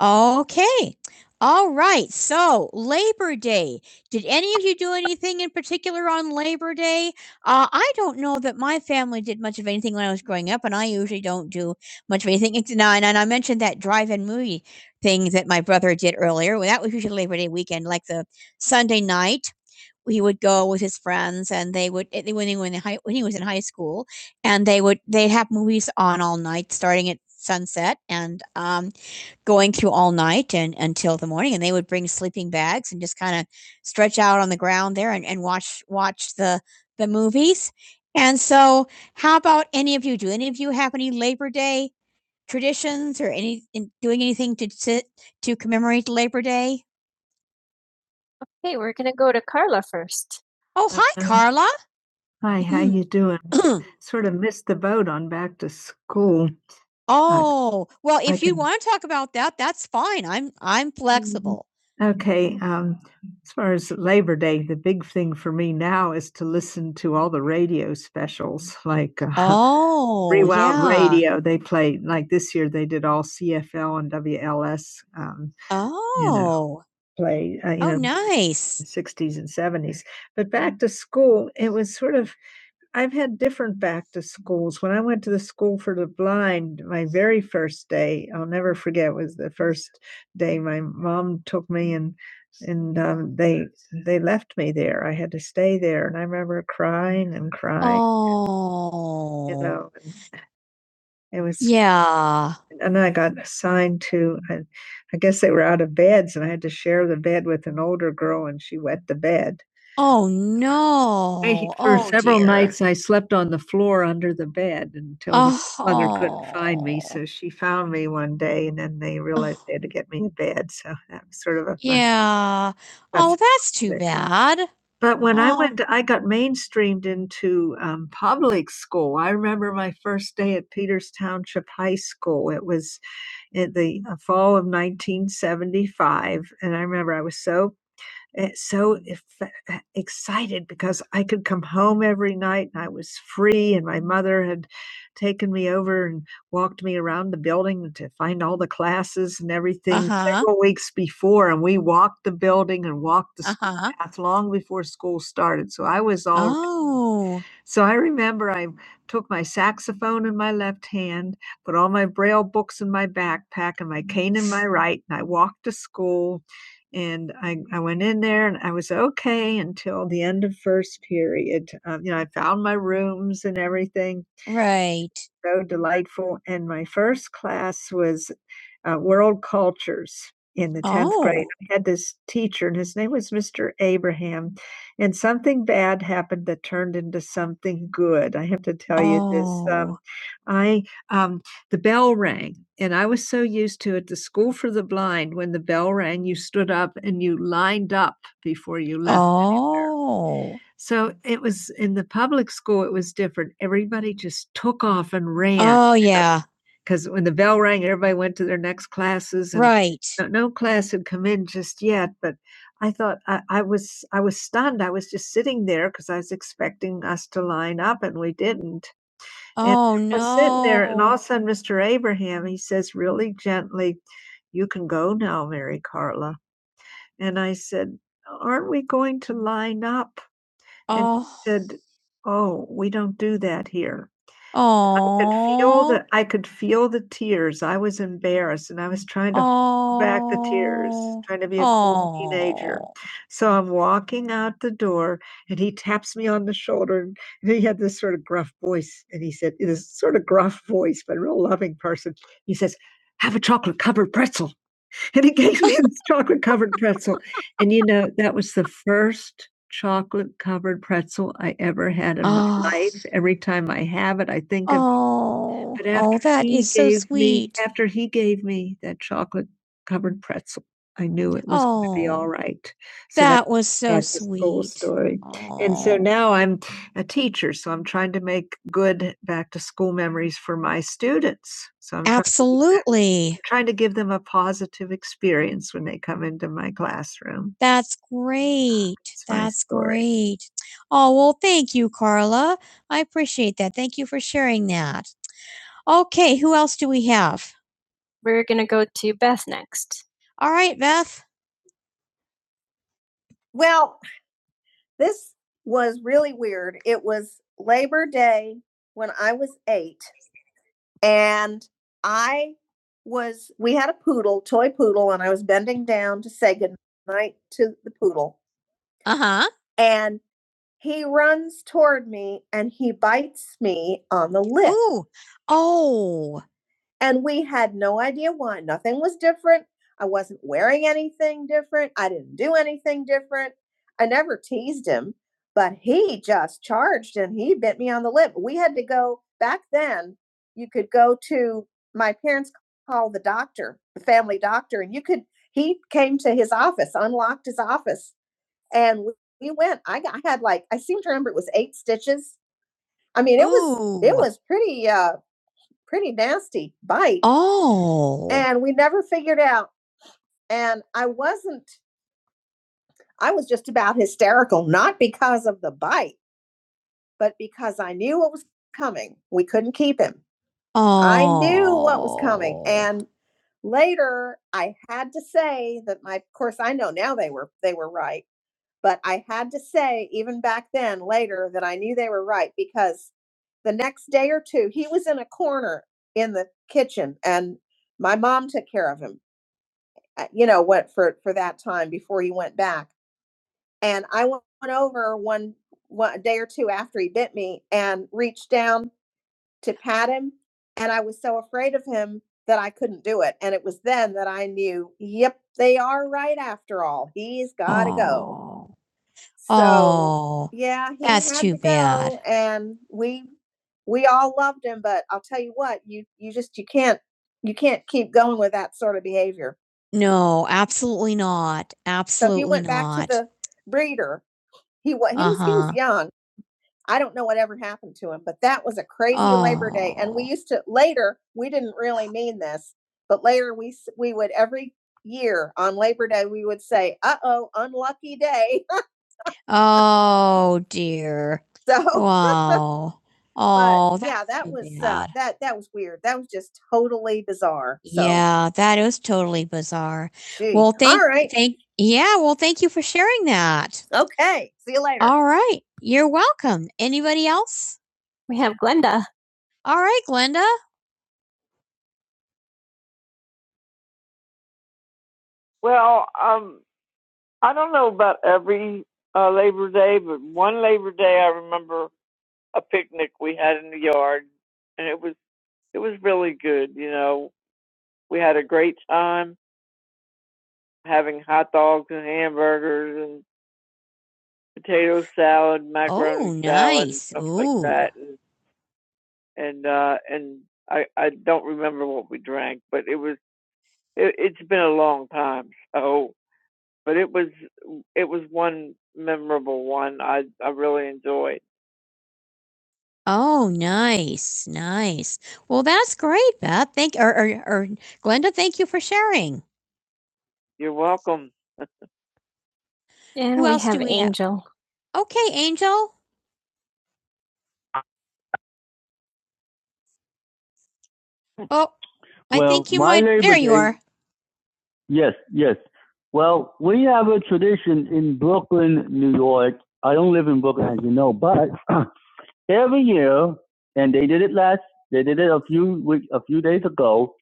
Okay. All right. So, Labor Day. Did any of you do anything in particular on Labor Day? Uh, I don't know that my family did much of anything when I was growing up, and I usually don't do much of anything. It's- Now, and and I mentioned that drive-in movie thing that my brother did earlier. Well, that was usually Labor Day weekend, like the Sunday night he would go with his friends and they would eh, when he was in high when he was in high school and they would they'd have movies on all night starting at sunset and um going through all night and until the morning and they would bring sleeping bags and just kind of stretch out on the ground there and, and watch watch the the movies and so how about any of you do any of you have any labor day traditions or any in doing anything to to, to commemorate labor day Hey, we're gonna go to Carla first. oh hi Um, carla Hi, how Mm. you doing? Sort of missed school. I Oh, well, I if you can wanna talk about that, that's fine. I'm I'm flex flexible. Okay, uh, as far as Labor Day, the big thing for me now is like, uh, Oh, yeah. rewound this year. Oh. way, uh, you Oh, know, nice. 60s and 70s. But back to school, it was sort of I've had different back to schools. When I went to the school for the blind, my very first day, I'll never forget, was the first day my mom took me and and um, they they left me there. I had to stay there, and I remember crying and crying. You Oh. know, it was, Yeah. and then I got assigned to, I, I guess they were out of beds, and I had to share the bed with an older girl, and she wet the bed. Oh I- no. for Oh several dear. nights, I slept on the floor under the bed until my mother couldn't find me. Oh. So she found me one day, and then they realized Oh. they had to get me a bed. So that was sort of a fun. Yeah. Well, that's too bad. But when oh. I Oh. went, to- I got mainstreamed into um, public school. I remember my first day at Peters Township High School. It was in the uh, fall of 1975. And I remember I was so eh, so eh, eh, excited because I could come home every night and I was free. And my mother had taken me over and walked me around the building to find all the classes and everything Uh-huh. several weeks before. And we walked the building and walked the school Uh-huh. path long before school started. So I was all Oh. so I remember I took my saxophone in my left hand, put all my braille books in my backpack and my cane in my right, and I walked to school and I I went in there and I was okay until the end of first period. Um, you know, I found my rooms and everything Right. so delightful. And my first class was uh, World Cultures in the 10th grade. Oh. I had this teacher, and his name was Mr. Abraham something bad happened that turned into something good. I have to tell you this, um, Oh. I, um the bell rang, and I was so used to it, the school for the blind, when the bell rang, you stood up and you lined up before you left anywhere. Oh. So, it was in the public school, it was different. Everybody just took off and ran Oh, yeah, because yeah. when the bell rang, everybody went to their next classes, and Right. no no class had come in just yet, but I thought I I was I was stunned, I was just sitting there because I was expecting us to line up, and we didn't, and Oh, we're sitting there, and all no. of a sudden, Mr. Abraham, he says really gently, "You can go now, Mary Carla," and I said, "Aren't we going to line up?" And she Oh. said, "Oh, we don't do that here." I could feel Aw. the I could feel the tears. I was embarrassed, and I was trying to hold back the tears, Aw. trying to be a cool teenager. Aw. So I'm walking out the door, and he taps me on the shoulder, and and he had this sort of gruff voice, and he said this sort of gruff voice, but a real loving person. He says, "Have a chocolate covered pretzel." and he gave me this chocolate covered pretzel. And you know, that was the first chocolate covered pretzel I ever had in oh. my Oh. life. Every time I have it, I think of Oh, it. but after oh, that he is so gave me sweet. Me, after he gave me that chocolate covered pretzel. I knew it was gonna be all Oh, alright. So that that was so that's his whole sweet. story. And so Oh. now I'm a teacher, so I'm trying to make good back to school memories for my students. So I'm trying to do that. Absolutely. Trying to give them a positive experience when they come into my classroom. That's great. It's my That's story. great. Oh, well, thank you, Carla. I appreciate that. Thank you for sharing that. Okay, who else do we have? we're going to go to Beth next. All right, Beth. Well, this was really weird. It was Labor Day when I was eight, and I was, we had a poodle, toy poodle, and I was bending down to say goodnight to the poodle. Uh huh. And he runs toward me and he bites me on the lip. Ooh. Oh. And we had no idea why. Nothing was different. I wasn't wearing anything different. I didn't do anything different. I never teased him, but he just charged and he bit me on the lip. We had to go back then. You could go to my parents called the doctor, the family doctor, and you could. He came to his office, unlocked his office, and we we went. I, got, I had like I seem to remember it was eight stitches. I mean, it was Ooh. it was pretty uh pretty nasty bite Oh. and we never figured out and i wasn't i was just about hysterical not because of the bite but because i knew what was coming we couldn't keep him Oh. i knew what was coming and later i had to say that my of course i know now they were they were right but I had to say, even back then, later, that I knew they were right because the next day or two, he was in a corner in the kitchen, and my mom took care of him. uh, You know, what for for that time before he went back, and I went over one one a day or two after he bit me and reached down to pat him, and I was so afraid of him that I couldn't do it. And it was then that I knew, yep, they are right after all. He's got to go. So, Oh, yeah, he that's had too to bad. go and we we all loved him, but I'll tell you what, you you just you can't you can't keep going with that sort of behavior. No, absolutely not. So he Absolutely went back to not. the breeder. He was he was he was Uh-huh. young. I don't know what ever happened to him, but that was a crazy Labor Day. And we Oh. used to later we didn't really mean this, but later we s- we would every year on Labor Day we would say, "Uh oh, unlucky day." Oh, dear. So Wow. But, Oh, yeah, that's that too was, uh, bad. that that was weird. That was just totally bizarre, so Yeah, that is totally bizarre. Gee, Well, all thank right. thank Yeah, well, thank you for sharing that. Okay, see you later. All right, you're welcome. Anybody else? We have Glenda. All right, Glenda. Oh, nice, nice. Well, that's great, Beth. Thank or or or Glenda, thank you for sharing. And Who we else do have do we have? Angel. Okay, Angel. Oh, I Well, think you might. There you are. Yes, yes. Well, we have a tradition in Brooklyn, New York. I don't live in Brooklyn, as you know, but every year, and they did it last. They did it a few week, a few days ago.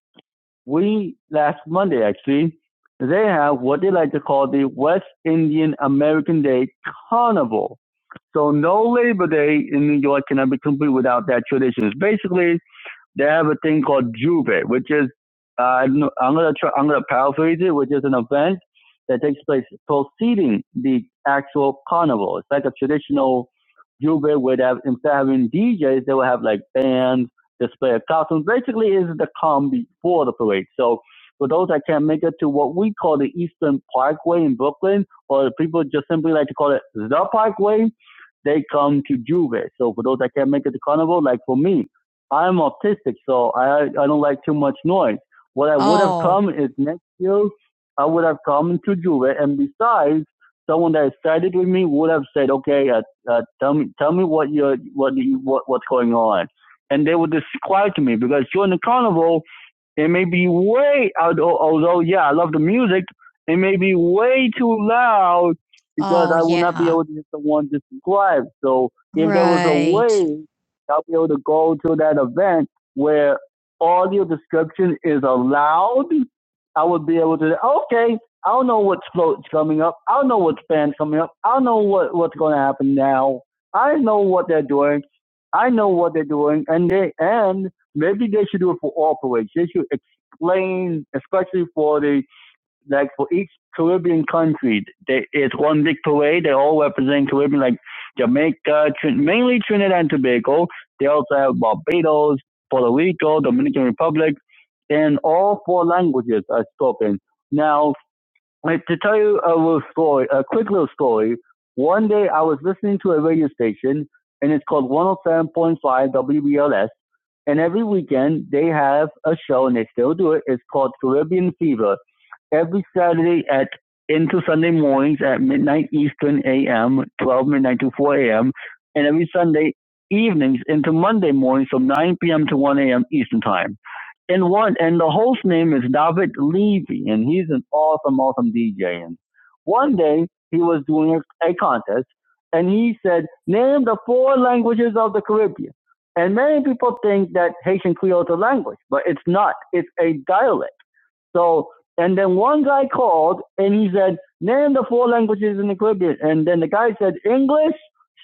We last Monday actually. They have what they like to call the West Indian American Day Carnival. So no Labor Day in New York cannot be complete without that tradition. It's basically they have a thing called Juve, which is uh, I am gonna try, I'm gonna paraphrase it, which is an event that takes place preceding the actual carnival. It's like a traditional Juve where they have instead of having DJs, they will have like bands, display of costumes. Basically, is the calm before the parade. So for those that can't make it to what we call the Eastern Parkway in Brooklyn, or people just simply like to call it the Parkway, they come to Juve. So for those that can't make it to carnival, like for me, I'm autistic, so I I don't like too much noise. What I would Oh. have come is next year, I would have come to Juve, and besides, someone that sided with me would have said, okay, uh, uh, tell me tell me what you what you, what what's going on, and they would describe to me because during the carnival, it may be way although although yeah, I love the music. It may be way too loud because Oh, I will yeah. not be yeah. able to get someone to subscribe. So if right. there was a Right. way I'll be able to go to that event where audio description is allowed, I would be able to okay. I don't know what's float's coming up. I don't know what's band coming up. I don't know what, what's going to happen now. I know what they're doing. I know what they're doing, and they and Maybe they should do it for all parades. They should explain, especially for the like for each Caribbean country, they, it's one big parade. They all represent Caribbean, like Jamaica, Trin- mainly Trinidad and Tobago. They also have Barbados, Puerto Rico, Dominican Republic, and all four languages are spoken. Now, like, to tell you a little story, a quick little story. One day I was listening to a radio station, and it's called 107.5 WBLS, and every weekend they have a show, and they still do it. It's called Caribbean Fever every Saturday at into Sunday mornings at midnight Eastern AM, 12 midnight to 4 AM, and every Sunday evenings into Monday mornings from 9 p.m. to 1 a.m. Eastern Time. And one and the host name is David Levy, and he's an awesome, awesome DJ. And one day he was doing a, a contest, and he said, "Name the four languages of the Caribbean." And many people think that Haitian Creole is a language, but it's not. It's a dialect so, and then one guy called and he said, name the four languages in the Caribbean. And then the guy said English,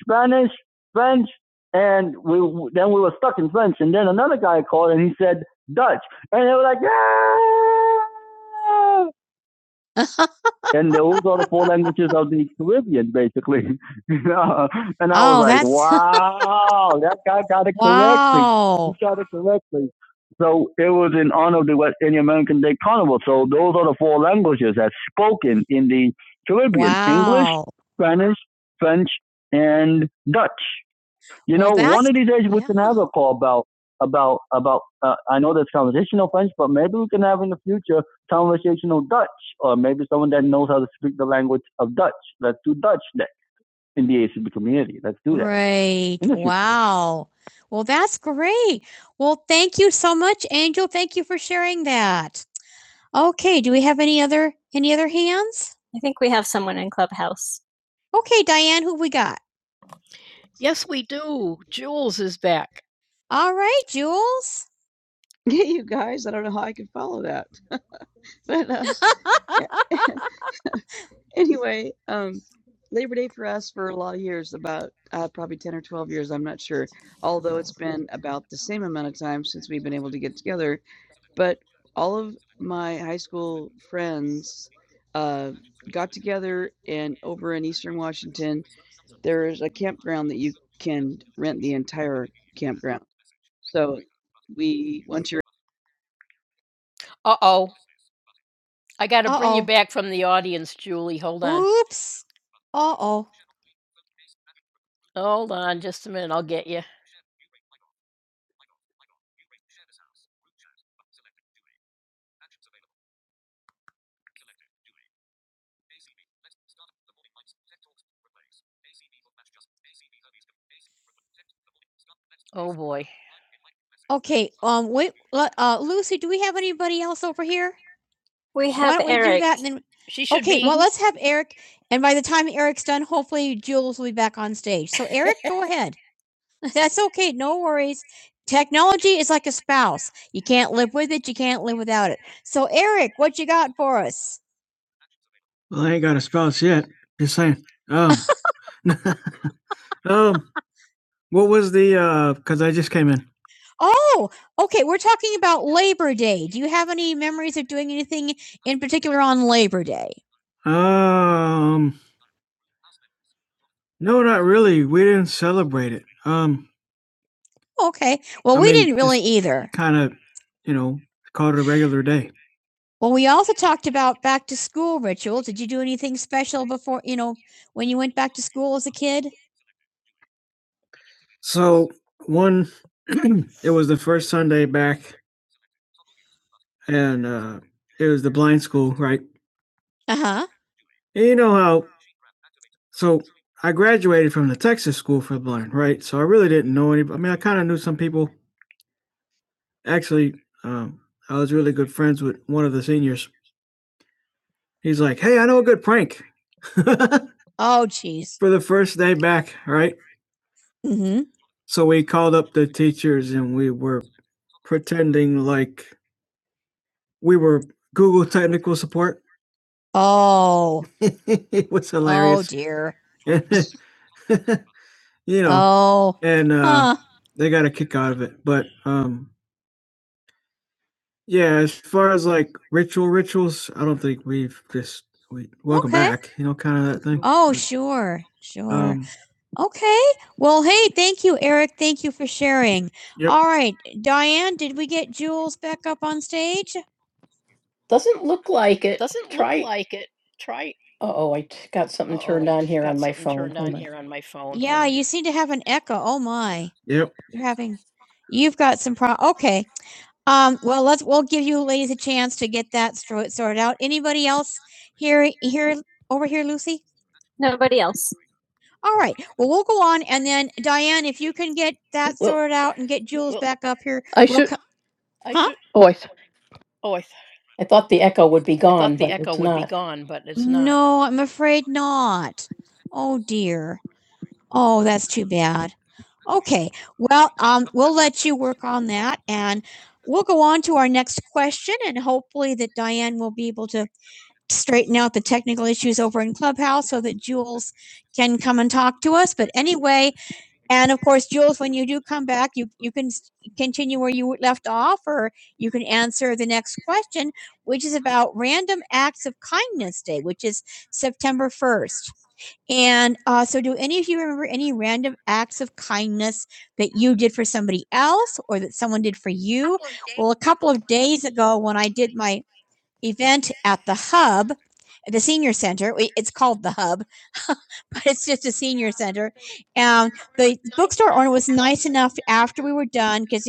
Spanish, French, and we then we were stuck in French. And then another guy called and he said Dutch, and they were like, yeah and those are the four languages of the Caribbean, basically. and I Oh, was like, that's- wow, that guy got it wow. correctly. Wow. He got it correctly. So it was in honor of the West Indian American Day Carnival. So those are the four languages that's spoken in the Caribbean: Wow. English, Wow. Spanish, French, and Dutch. You Well, know, one of these days we yeah. can have a call about about about. Uh, I know that's conversational French, but maybe we can have in the future conversational Dutch, or maybe someone that knows how to speak the language of Dutch. Let's do Dutch next in the ACB community. Let's do that. Right. Wow. Well, that's great. Well, thank you so much, Angel. Thank you for sharing that. Okay, do we have any other any other hands? I think we have someone in Clubhouse. Okay, Diane, who we got? All right, Jules. Yeah, you guys, I don't know how I can follow that, but uh, anyway, um, Labor Day for us for a lot of years, about uh, probably 10 or 12 years, I'm not sure. Although it's been about the same amount of time since we've been able to get together. But all of my high school friends uh, got together, and over in Eastern Washington, there is a campground that you can rent the entire campground. So we, once you're Oops. Uh-oh. Okay, um, wait, let uh, Lucy, do we have anybody else over here? We Why have don't we do Eric. that and then oh, let's have Eric. And by the time Eric's done, hopefully Jules will be back on stage. So Eric, go ahead. That's okay. No worries. Technology is like a spouse. You can't live with it. You can't live without it. So Eric, what you got for us? Well, I ain't got a spouse yet. Just saying. Um, um, what was the? Because I just came in. Oh, okay, we're talking about Labor Day. Do you have any memories of doing anything in particular on Labor Day? Um, no, not really. We didn't celebrate it. Um, Okay. Well, I we mean, didn't really just either. kind of, you know, called it a regular day. Well, we also talked about back to school rituals. Did you do anything special before, you know, when you went back to school as a kid? So one, it was the first Sunday back, and uh, it was the blind school, right? Uh huh. And you know how so I graduated from the Texas School for the Blind, right? So I really didn't know any. I mean, I kind of knew some people. Actually, um, I was really good friends with one of the seniors. He's like, "Hey, I know a good prank for Oh, jeez. the first day back." Right. hmm So we called up the teachers and we were pretending like we were Google technical support. Oh, it was oh hilarious. dear. you know, Oh. and uh, huh. they got a kick out of it. But um, yeah, as far as like ritual rituals, I don't think we've just we welcome Okay. back, you know, kind of that thing. Oh, But, sure. Sure. um, Okay. Well, hey, thank you, Eric. Thank you for sharing. yep. All right, Diane, did we get Jules back up on stage? Doesn't look like it. Try. Oh, I t- got something turned on here on my phone. Hold on. You seem to have an echo. Oh my. Yep. You're having you've got some pro okay. Um, well, let's, we'll give you ladies a chance to get that stro- sorted out. Anybody else here, here, over here, Lucy? Nobody else. All right. Well, we'll go on, and then Diane, if you can get that Well, sorted out and get Julie back up here, I we'll should. come. Oh, I, th- I thought the echo would be gone, but it's not. Oh, I'm afraid not. Oh dear. Oh, that's too bad. Okay. Well, um, we'll let you work on that, and we'll go on to our next question, and hopefully that Diane will be able to straighten out the technical issues over in Clubhouse so that Jules can come and talk to us. But anyway, and of course, Jules, when you do come back, you, you can continue where you left off or you can answer the next question, which is about Random Acts of Kindness Day, which is September 1st. And uh, so, do any of you remember any random acts of kindness that you did for somebody else or that someone did for you? Well, a couple of days ago, when I did my event at the hub the senior center it's called the hub but it's just a senior center and the bookstore owner was nice enough after we were done because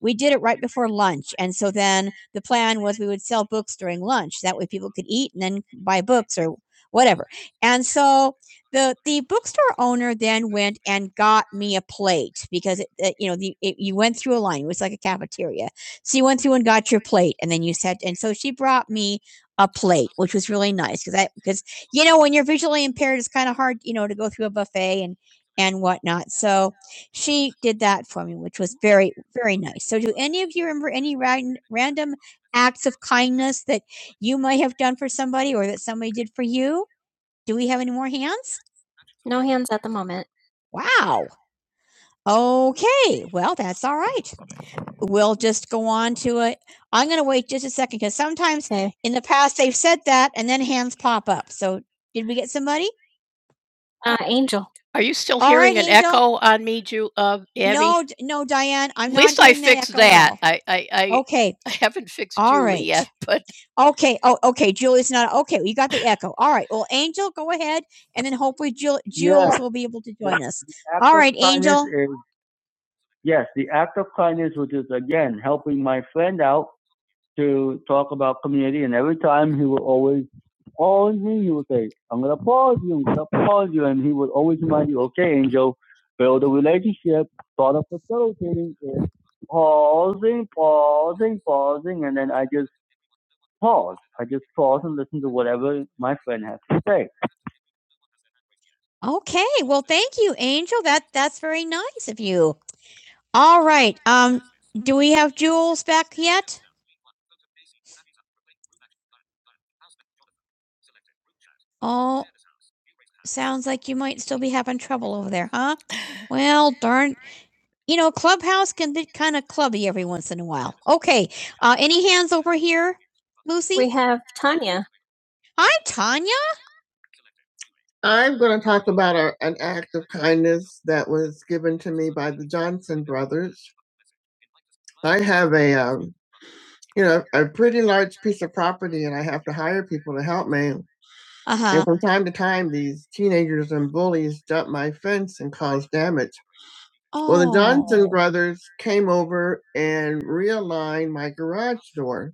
we did it right before lunch. And so then the plan was we would sell books during lunch. That way people could eat and then buy books or whatever. And so the the bookstore owner then went and got me a plate because it, it- you know the, it, you went through a line. It was like a cafeteria. So you went through and got your plate, and then you said, and so she brought me a plate, which was really nice because I because you know when you're visually impaired, it's kind of hard you know to go through a buffet and and whatnot. So she did that for me, which was very, very nice. So, do any of you remember any ran- random acts of kindness that you might have done for somebody or that somebody did for you? Do we have any more hands? No hands at the moment. Wow. Okay. Well, that's all right. We'll just go on to it. I'm going to wait just a second because sometimes Okay. in the past they've said that and then hands pop up. So, did we get somebody? Uh, Angel. Oh, d- no, Diane. I'm okay. Okay. Oh, okay. Julie's not okay. You got the echo. All right. Well, Angel, go ahead, and then hopefully Jill, Yes, will be able to join us. The act All of right, kindness Angel. is yes, the act of kindness, which is again helping my friend out to talk about community. And every time he would always pause me, he would say, "I'm gonna pause you, I'm gonna pause you," and he would always remind you, "Okay, Angel, build a relationship. Start of facilitating is pausing, pausing, pausing, and then I just pause. I just pause and listen to whatever my friend has to say. Okay. Well, thank you, Angel. That that's very nice of you. All right. Um, do we have Jules back yet? Oh, sounds like you might still be having trouble over there, huh? Well, darn. You know, Clubhouse can be kind of clubby every once in a while. Okay. Uh, any hands over here, Lucy? We have Tanya. Hi, Tanya. I'm going to talk about a, an act of kindness that was given to me by the Johnson brothers. I have a, um, you know, a pretty large piece of property, and I have to hire people to help me. Uh And huh. from time to time, these teenagers and bullies jump my fence and cause damage. Well, the Johnson Oh. brothers came over and realigned my garage door.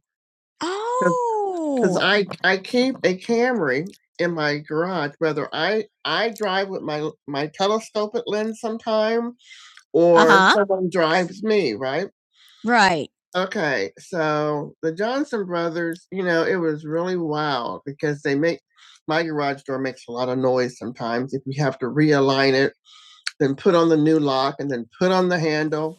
Because Oh. I I keep a Camry in my garage, whether I I drive with my my telescopic lens sometime uh or huh someone drives me, right? Right. Okay, so the Johnson Brothers, you know, it was really wild because they make my garage door makes a lot of noise sometimes if you have to realign it, then put on the new lock and then put on the handle.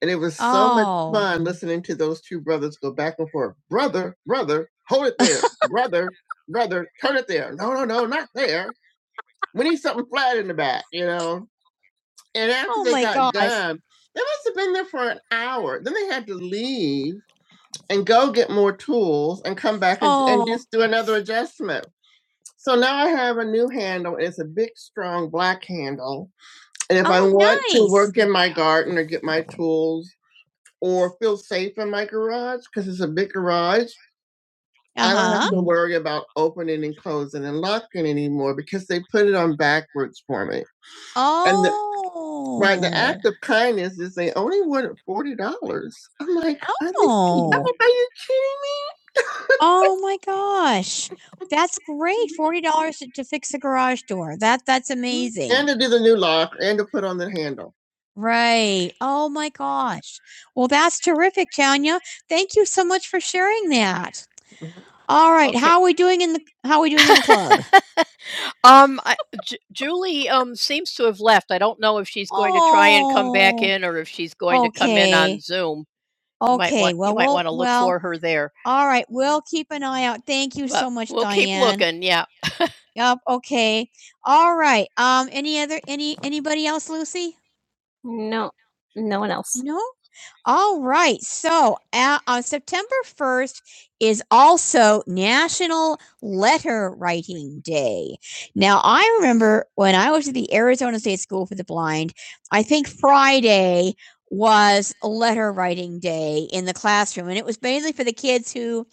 And it was so Oh. much Oh, fun listening to those two brothers go back and forth. Brother, brother, hold it there. brother, brother, turn it there. No, no, no, not there. We need something flat in the back, you know? And after Oh. time, they must have been there for an hour. Then they had to leave and go get more tools and come back and, and Oh. just do another adjustment. So now I have a new handle. It's a big, strong black handle. And if I Oh, want to nice. work in my garden or get my tools or feel safe in my garage because it's a big garage. I don't Uh-huh. have to worry about opening and closing and locking anymore because they put it on backwards for me. And the, Oh. right, the Oh. act of kindness is they only wanted forty dollars. I'm like, are you, Oh. are Oh. you kidding Oh my gosh. That's great. $40 to to fix a garage door. That that's amazing. And to do the new lock and to put on the handle. Right. Oh my gosh. Well, that's terrific, Tanya. Thank you so much for sharing that. All right. Okay. How are we doing in the how are we doing? Oh, All right. We'll keep an eye out. Thank you. Yep. Okay. All right. Um any other any anybody else, Lucy? No, no one else. No? All right. So uh, on September 1st is also National Letter Writing Day. Now, I remember when I was at the Arizona State School for the Blind, I think Friday was letter writing day in the classroom. And it was mainly for the kids who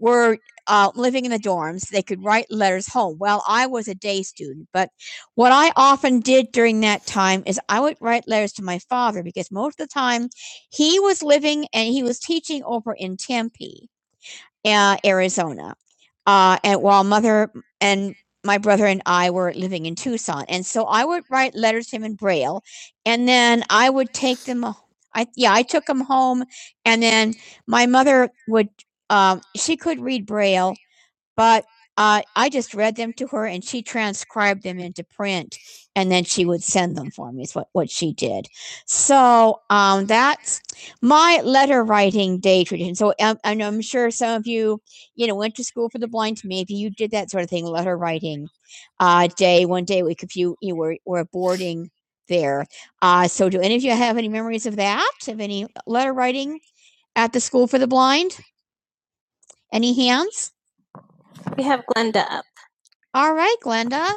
were uh, living in the dorms. They could write letters home. Well, I was a day student, but what I often did during that time is I would write letters to my father because most of the time he was living and he was teaching over in Tempe, uh, Arizona, uh, and while mother and my brother and I were living in Tucson. And so I would write letters to him in Braille, and then I would take them. I yeah, I took them home, and then my mother would. Um, she could read Braille, but I I just read them to her and she transcribed them into print and then she would send them for me is what, what she did. So um that's my letter writing day tradition. So um, and I'm sure some of you, you know, went to school for the blind. Maybe you did that sort of thing, letter writing uh day, one day a week if you you were were boarding there. Uh so do any of you have any memories of that? Of any letter writing at the school for the blind? Any hands? We have Glenda up. All right, Glenda.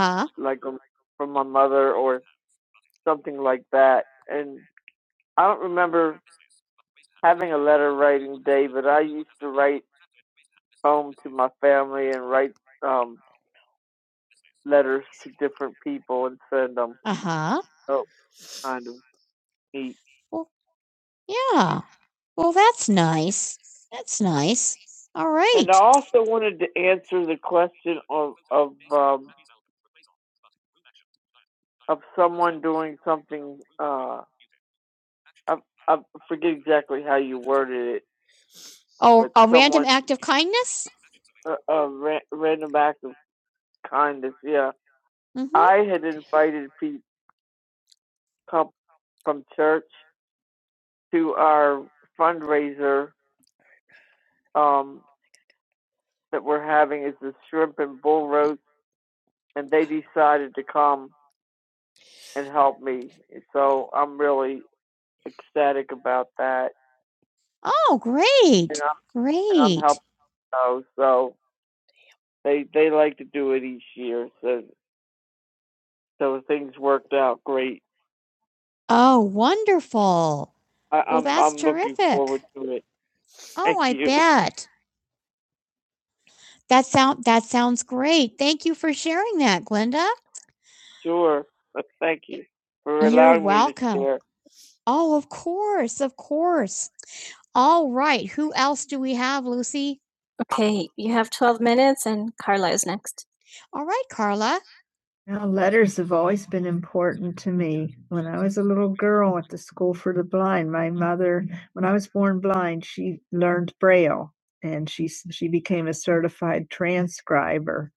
Uh huh. Well, yeah. Well, that's nice. That's nice. All right. Of kindness. Mhm. Oh, great, great. Oh, wonderful. That that sound that sounds great. Thank you for sharing that, Glenda. Oh, of course, of course. All right. Who else do we have, Lucy? Okay, you have 12 minutes and Carla is next. All right, Carla. Now, letters have always been important to me. When I was a little girl at the school for the blind, my mother, when I was born blind, she learned Braille and she s- she became a certified transcriber.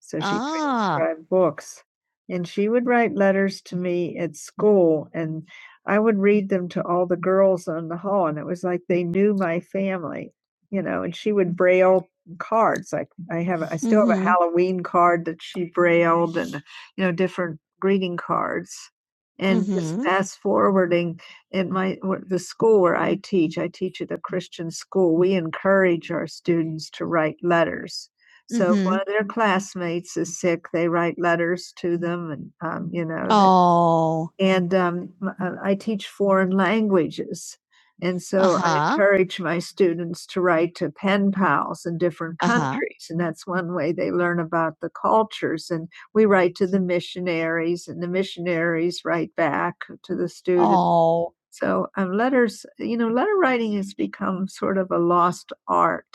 So she Ah, transcribed books and she would write letters to me at school and I would read them to all the girls on the hall and it was like they knew my family, you know, and she would Braille cards. Like I have, a- I still have a mm-hmm. Halloween card that she brailled and you know, different greeting cards and just Mm-hmm. fast forwarding in my where- the school where I teach, I teach at a Christian school. We encourage our students to write letters. So if one Mm-hmm. of their classmates is sick, they write letters to them, and um, you know, and Oh. and um, m- uh, I teach foreign languages. And so I Uh-huh. encourage my students to write to pen pals in different Uh-huh. countries. And that's one way they learn about the cultures. And we write to the missionaries, and the missionaries write back to the students. Oh, So um, letters, you know, letter writing has become sort of a lost art.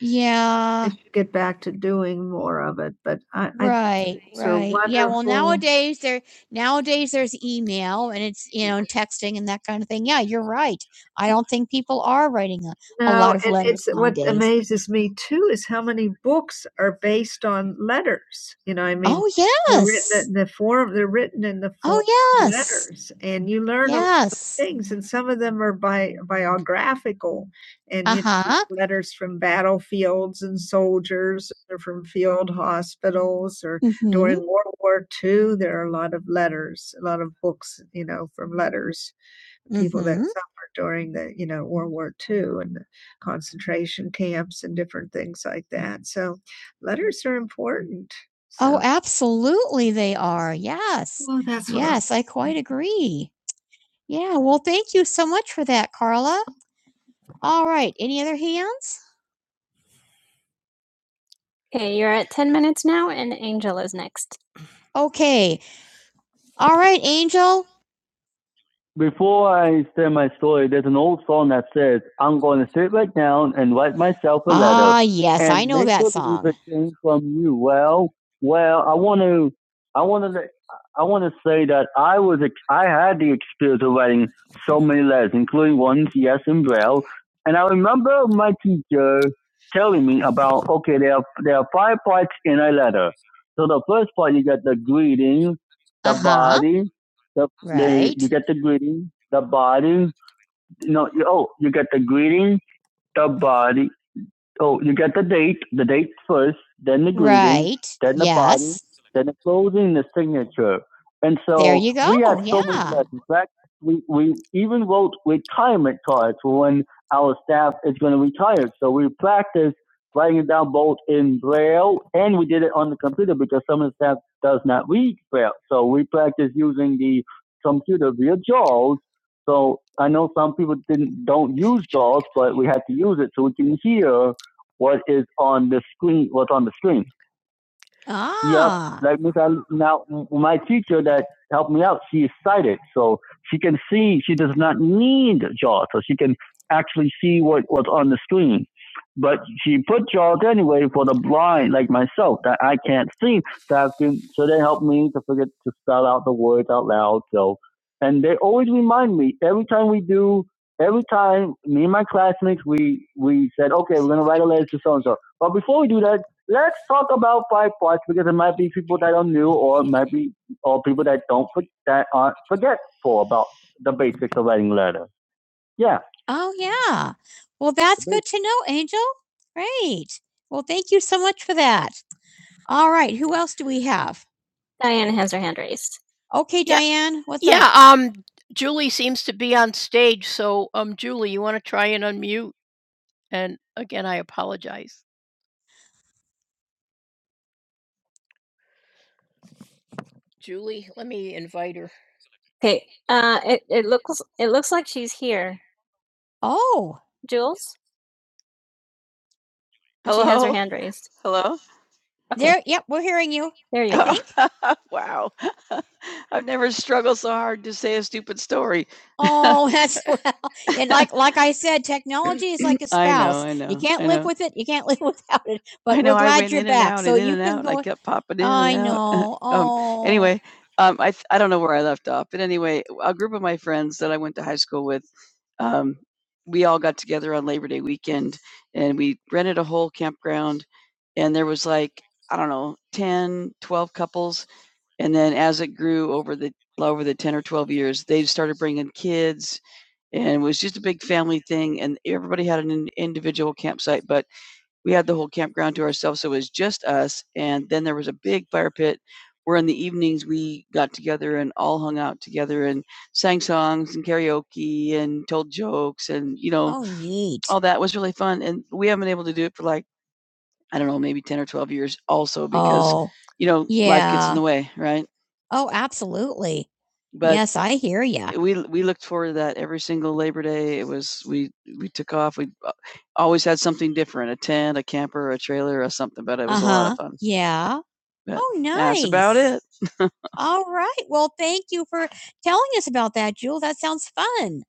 yeah. get back to doing more of it. But I, Right, these right. Yeah, well nowadays there nowadays there's email and it's you know texting and that kind of thing. Yeah, you're right. I don't think people are writing now, a No, lot of and letters it's what nowadays. amazes me too is how many books are based on letters. You know, I mean, Oh they're yes. they're written in the form. They're written in the form Oh of yes. of letters, and you learn yes. a lot of Yes. things. And some of them are bi- biographical, and uh-huh. you know, Uh-huh. letters from battlefields and soldiers, or from field hospitals, or Mhm. during World War II. There are a lot of letters, a lot of books. You know, from letters people that Mhm. suffered during the, you know, World War Two and the concentration camps and different things like that. So, letters are important. Oh, So absolutely they are. Yes. Well, that's what I'm Yes, I quite saying. agree. Yeah, well, thank you so much for that, Carla. All right, any other hands? Okay, you're at 10 minutes now, and Angel is next. Okay. All right, Angel. before I say my story, there's an old song that says, "I'm going to sit right down and write myself a letter." Ah, yes, and I know make that sure song. the thing from you. Well, well, I want to, I want to, I want to say that I was, I had the experience of writing so many letters, including ones yes in braille, and I remember my teacher telling me about okay, there are there are five parts in a letter. So the first part you got the greeting, the Uh huh. body, the, they right? you get the greeting, the bodies. No, you- oh, you get the greeting, the body, Oh, you get the date, the date first, then the greeting, Right. then the body, Yes. party, then the closing, the signature. And so There you we go, We had so yeah. many yeah. In fact, we, we even wrote retirement cards for when our staff is going to retire. So we practiced writing it down both in Braille and we did it on the computer because some of the staff does not read Braille. So we practiced using the computer via JAWS. So I know some people didn't don't use JAWS, but we had to use it so we can hear what is on the screen, what's on the screen. Yep. Ah, Like Miss, Al- now m- my teacher that helped me out, she is sighted, so she can see. She does not need JAWS, so she can actually see what was on the screen. But she put JAWS anyway for the blind, like myself, that I can't see. That can, so they help me to forget to spell out the words out loud. So, and they always remind me every time we do. Every time me and my classmates, we we said, okay, we're gonna write a letter to so and so. But before we do that, let's talk about five parts because there might be people that are new or it might be or people that don't that aren't forgetful about the basics of writing letters. Yeah. Oh, yeah. Well, that's good to know, Angel. Great. Well, thank you so much for that. All right. Who else do we have? Diane has her hand raised. Okay, Yeah. Diane. What? Okay. Uh, it, it looks it looks like she's here. Oh, Jules, Hello. she has her hand raised. Hello? Okay, there. Yep, we're hearing you. There you go. Oh, wow. Oh, that's well, and like like I said, technology is like a spouse. I know, I know, You can't I live know. with it. You can't live without it. I But I know we're I glad I went you're in and back, And out so and in you and can out. Go. I kept popping in and I and out. know. Um, Oh, anyway, I I with um, we all got together on Labor Day weekend and we rented a whole campground and there was like I don't know couples for the and we got in sang songs and karaoke and jokes and you know oh, all that was and we had like ten or twelve years also because Oh, you know yeah. life gets in yeah. the way right Oh, absolutely. But Yes, I hear ya. it, wa- every Super Day, it was we took off. We always had something different: a tent, a camper, a trailer, or something. But it was a lot Uh-huh. of fun. Yeah. But Oh, that's about nice. it. All right. Well, thank you for telling us about that, Jewel. That sounds fun.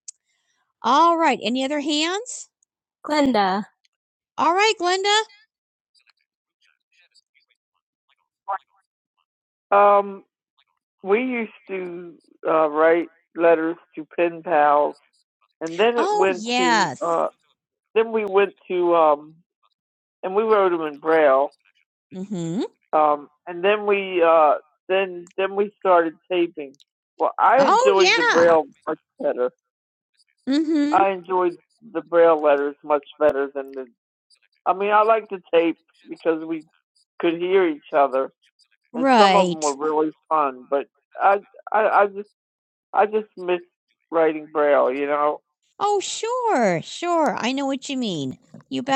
All right. Any other hands? Glenda. All right, Glenda. Mm-hmm. Mm-hmm. Oh, sure. Sure. I know what you mean. You bet.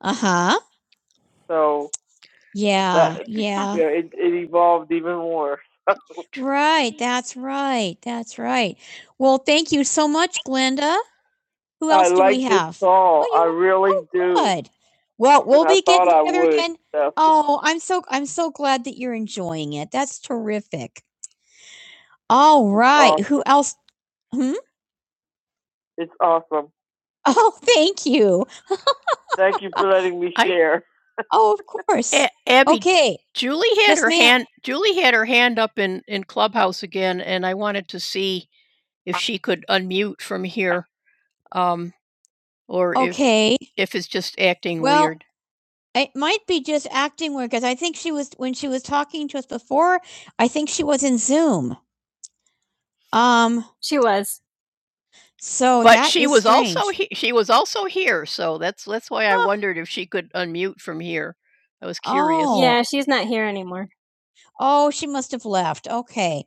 Uh-huh. Yeah. Right. That's right. That's right. Well, thank you so much, Glenda. Good. Well, well, I'm so I'm so glad that you're enjoying it. That's terrific. All right. Who else? Hmm? Oh, thank you. Oh, of course. Hey, hey. It might be just acting weird because I think she was when she was talking to us before. I think she was in Zoom. Um. She was. So Yeah, she's not here anymore. Oh, she must have left. Okay.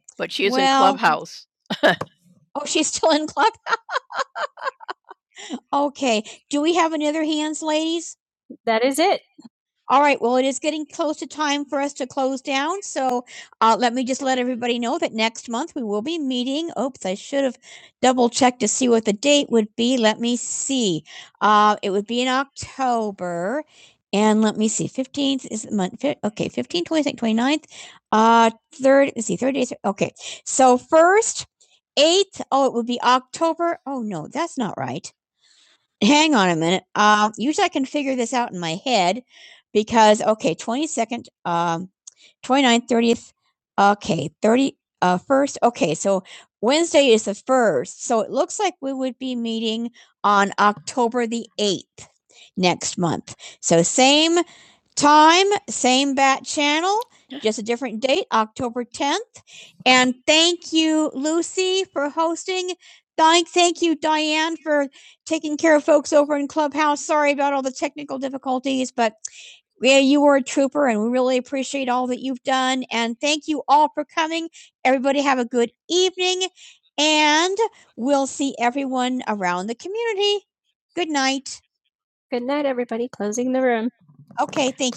Oh, she's still in club. Okay. Do we have any other hands, ladies? That is it. All right, well, it is getting close to time for us to close down, so uh, let me just let everybody know that next month we will be meeting. Oops, I should have double checked to see what the date would be. Let me see. Uh, it would be in October, and let me see. Fifteenth is the month. fif- Okay, 15th, 26th, 29th. Uh, third. Let's see. Third days. Okay, so first, eighth. Oh, it would be October. Oh no, that's not right. Hang on a minute. Um, usually I can figure this out in my head because okay, 22nd, um, 29th, 30th, okay, 30, uh, 1st. Okay, so Wednesday is the 1st. So it looks like we would be meeting on October the 8th next month. So same time, same bat channel, just a different date, October 10th. And thank you, Lucy, for hosting. Thank, thank you, Diane, for taking care of folks over in Clubhouse. Sorry about all the technical difficulties, but yeah, you were a trooper and we really appreciate all that you've done. And thank you all for coming. Everybody have a good evening and we'll see everyone around the community. Good night. Good night, everybody. Closing the room. Okay, thank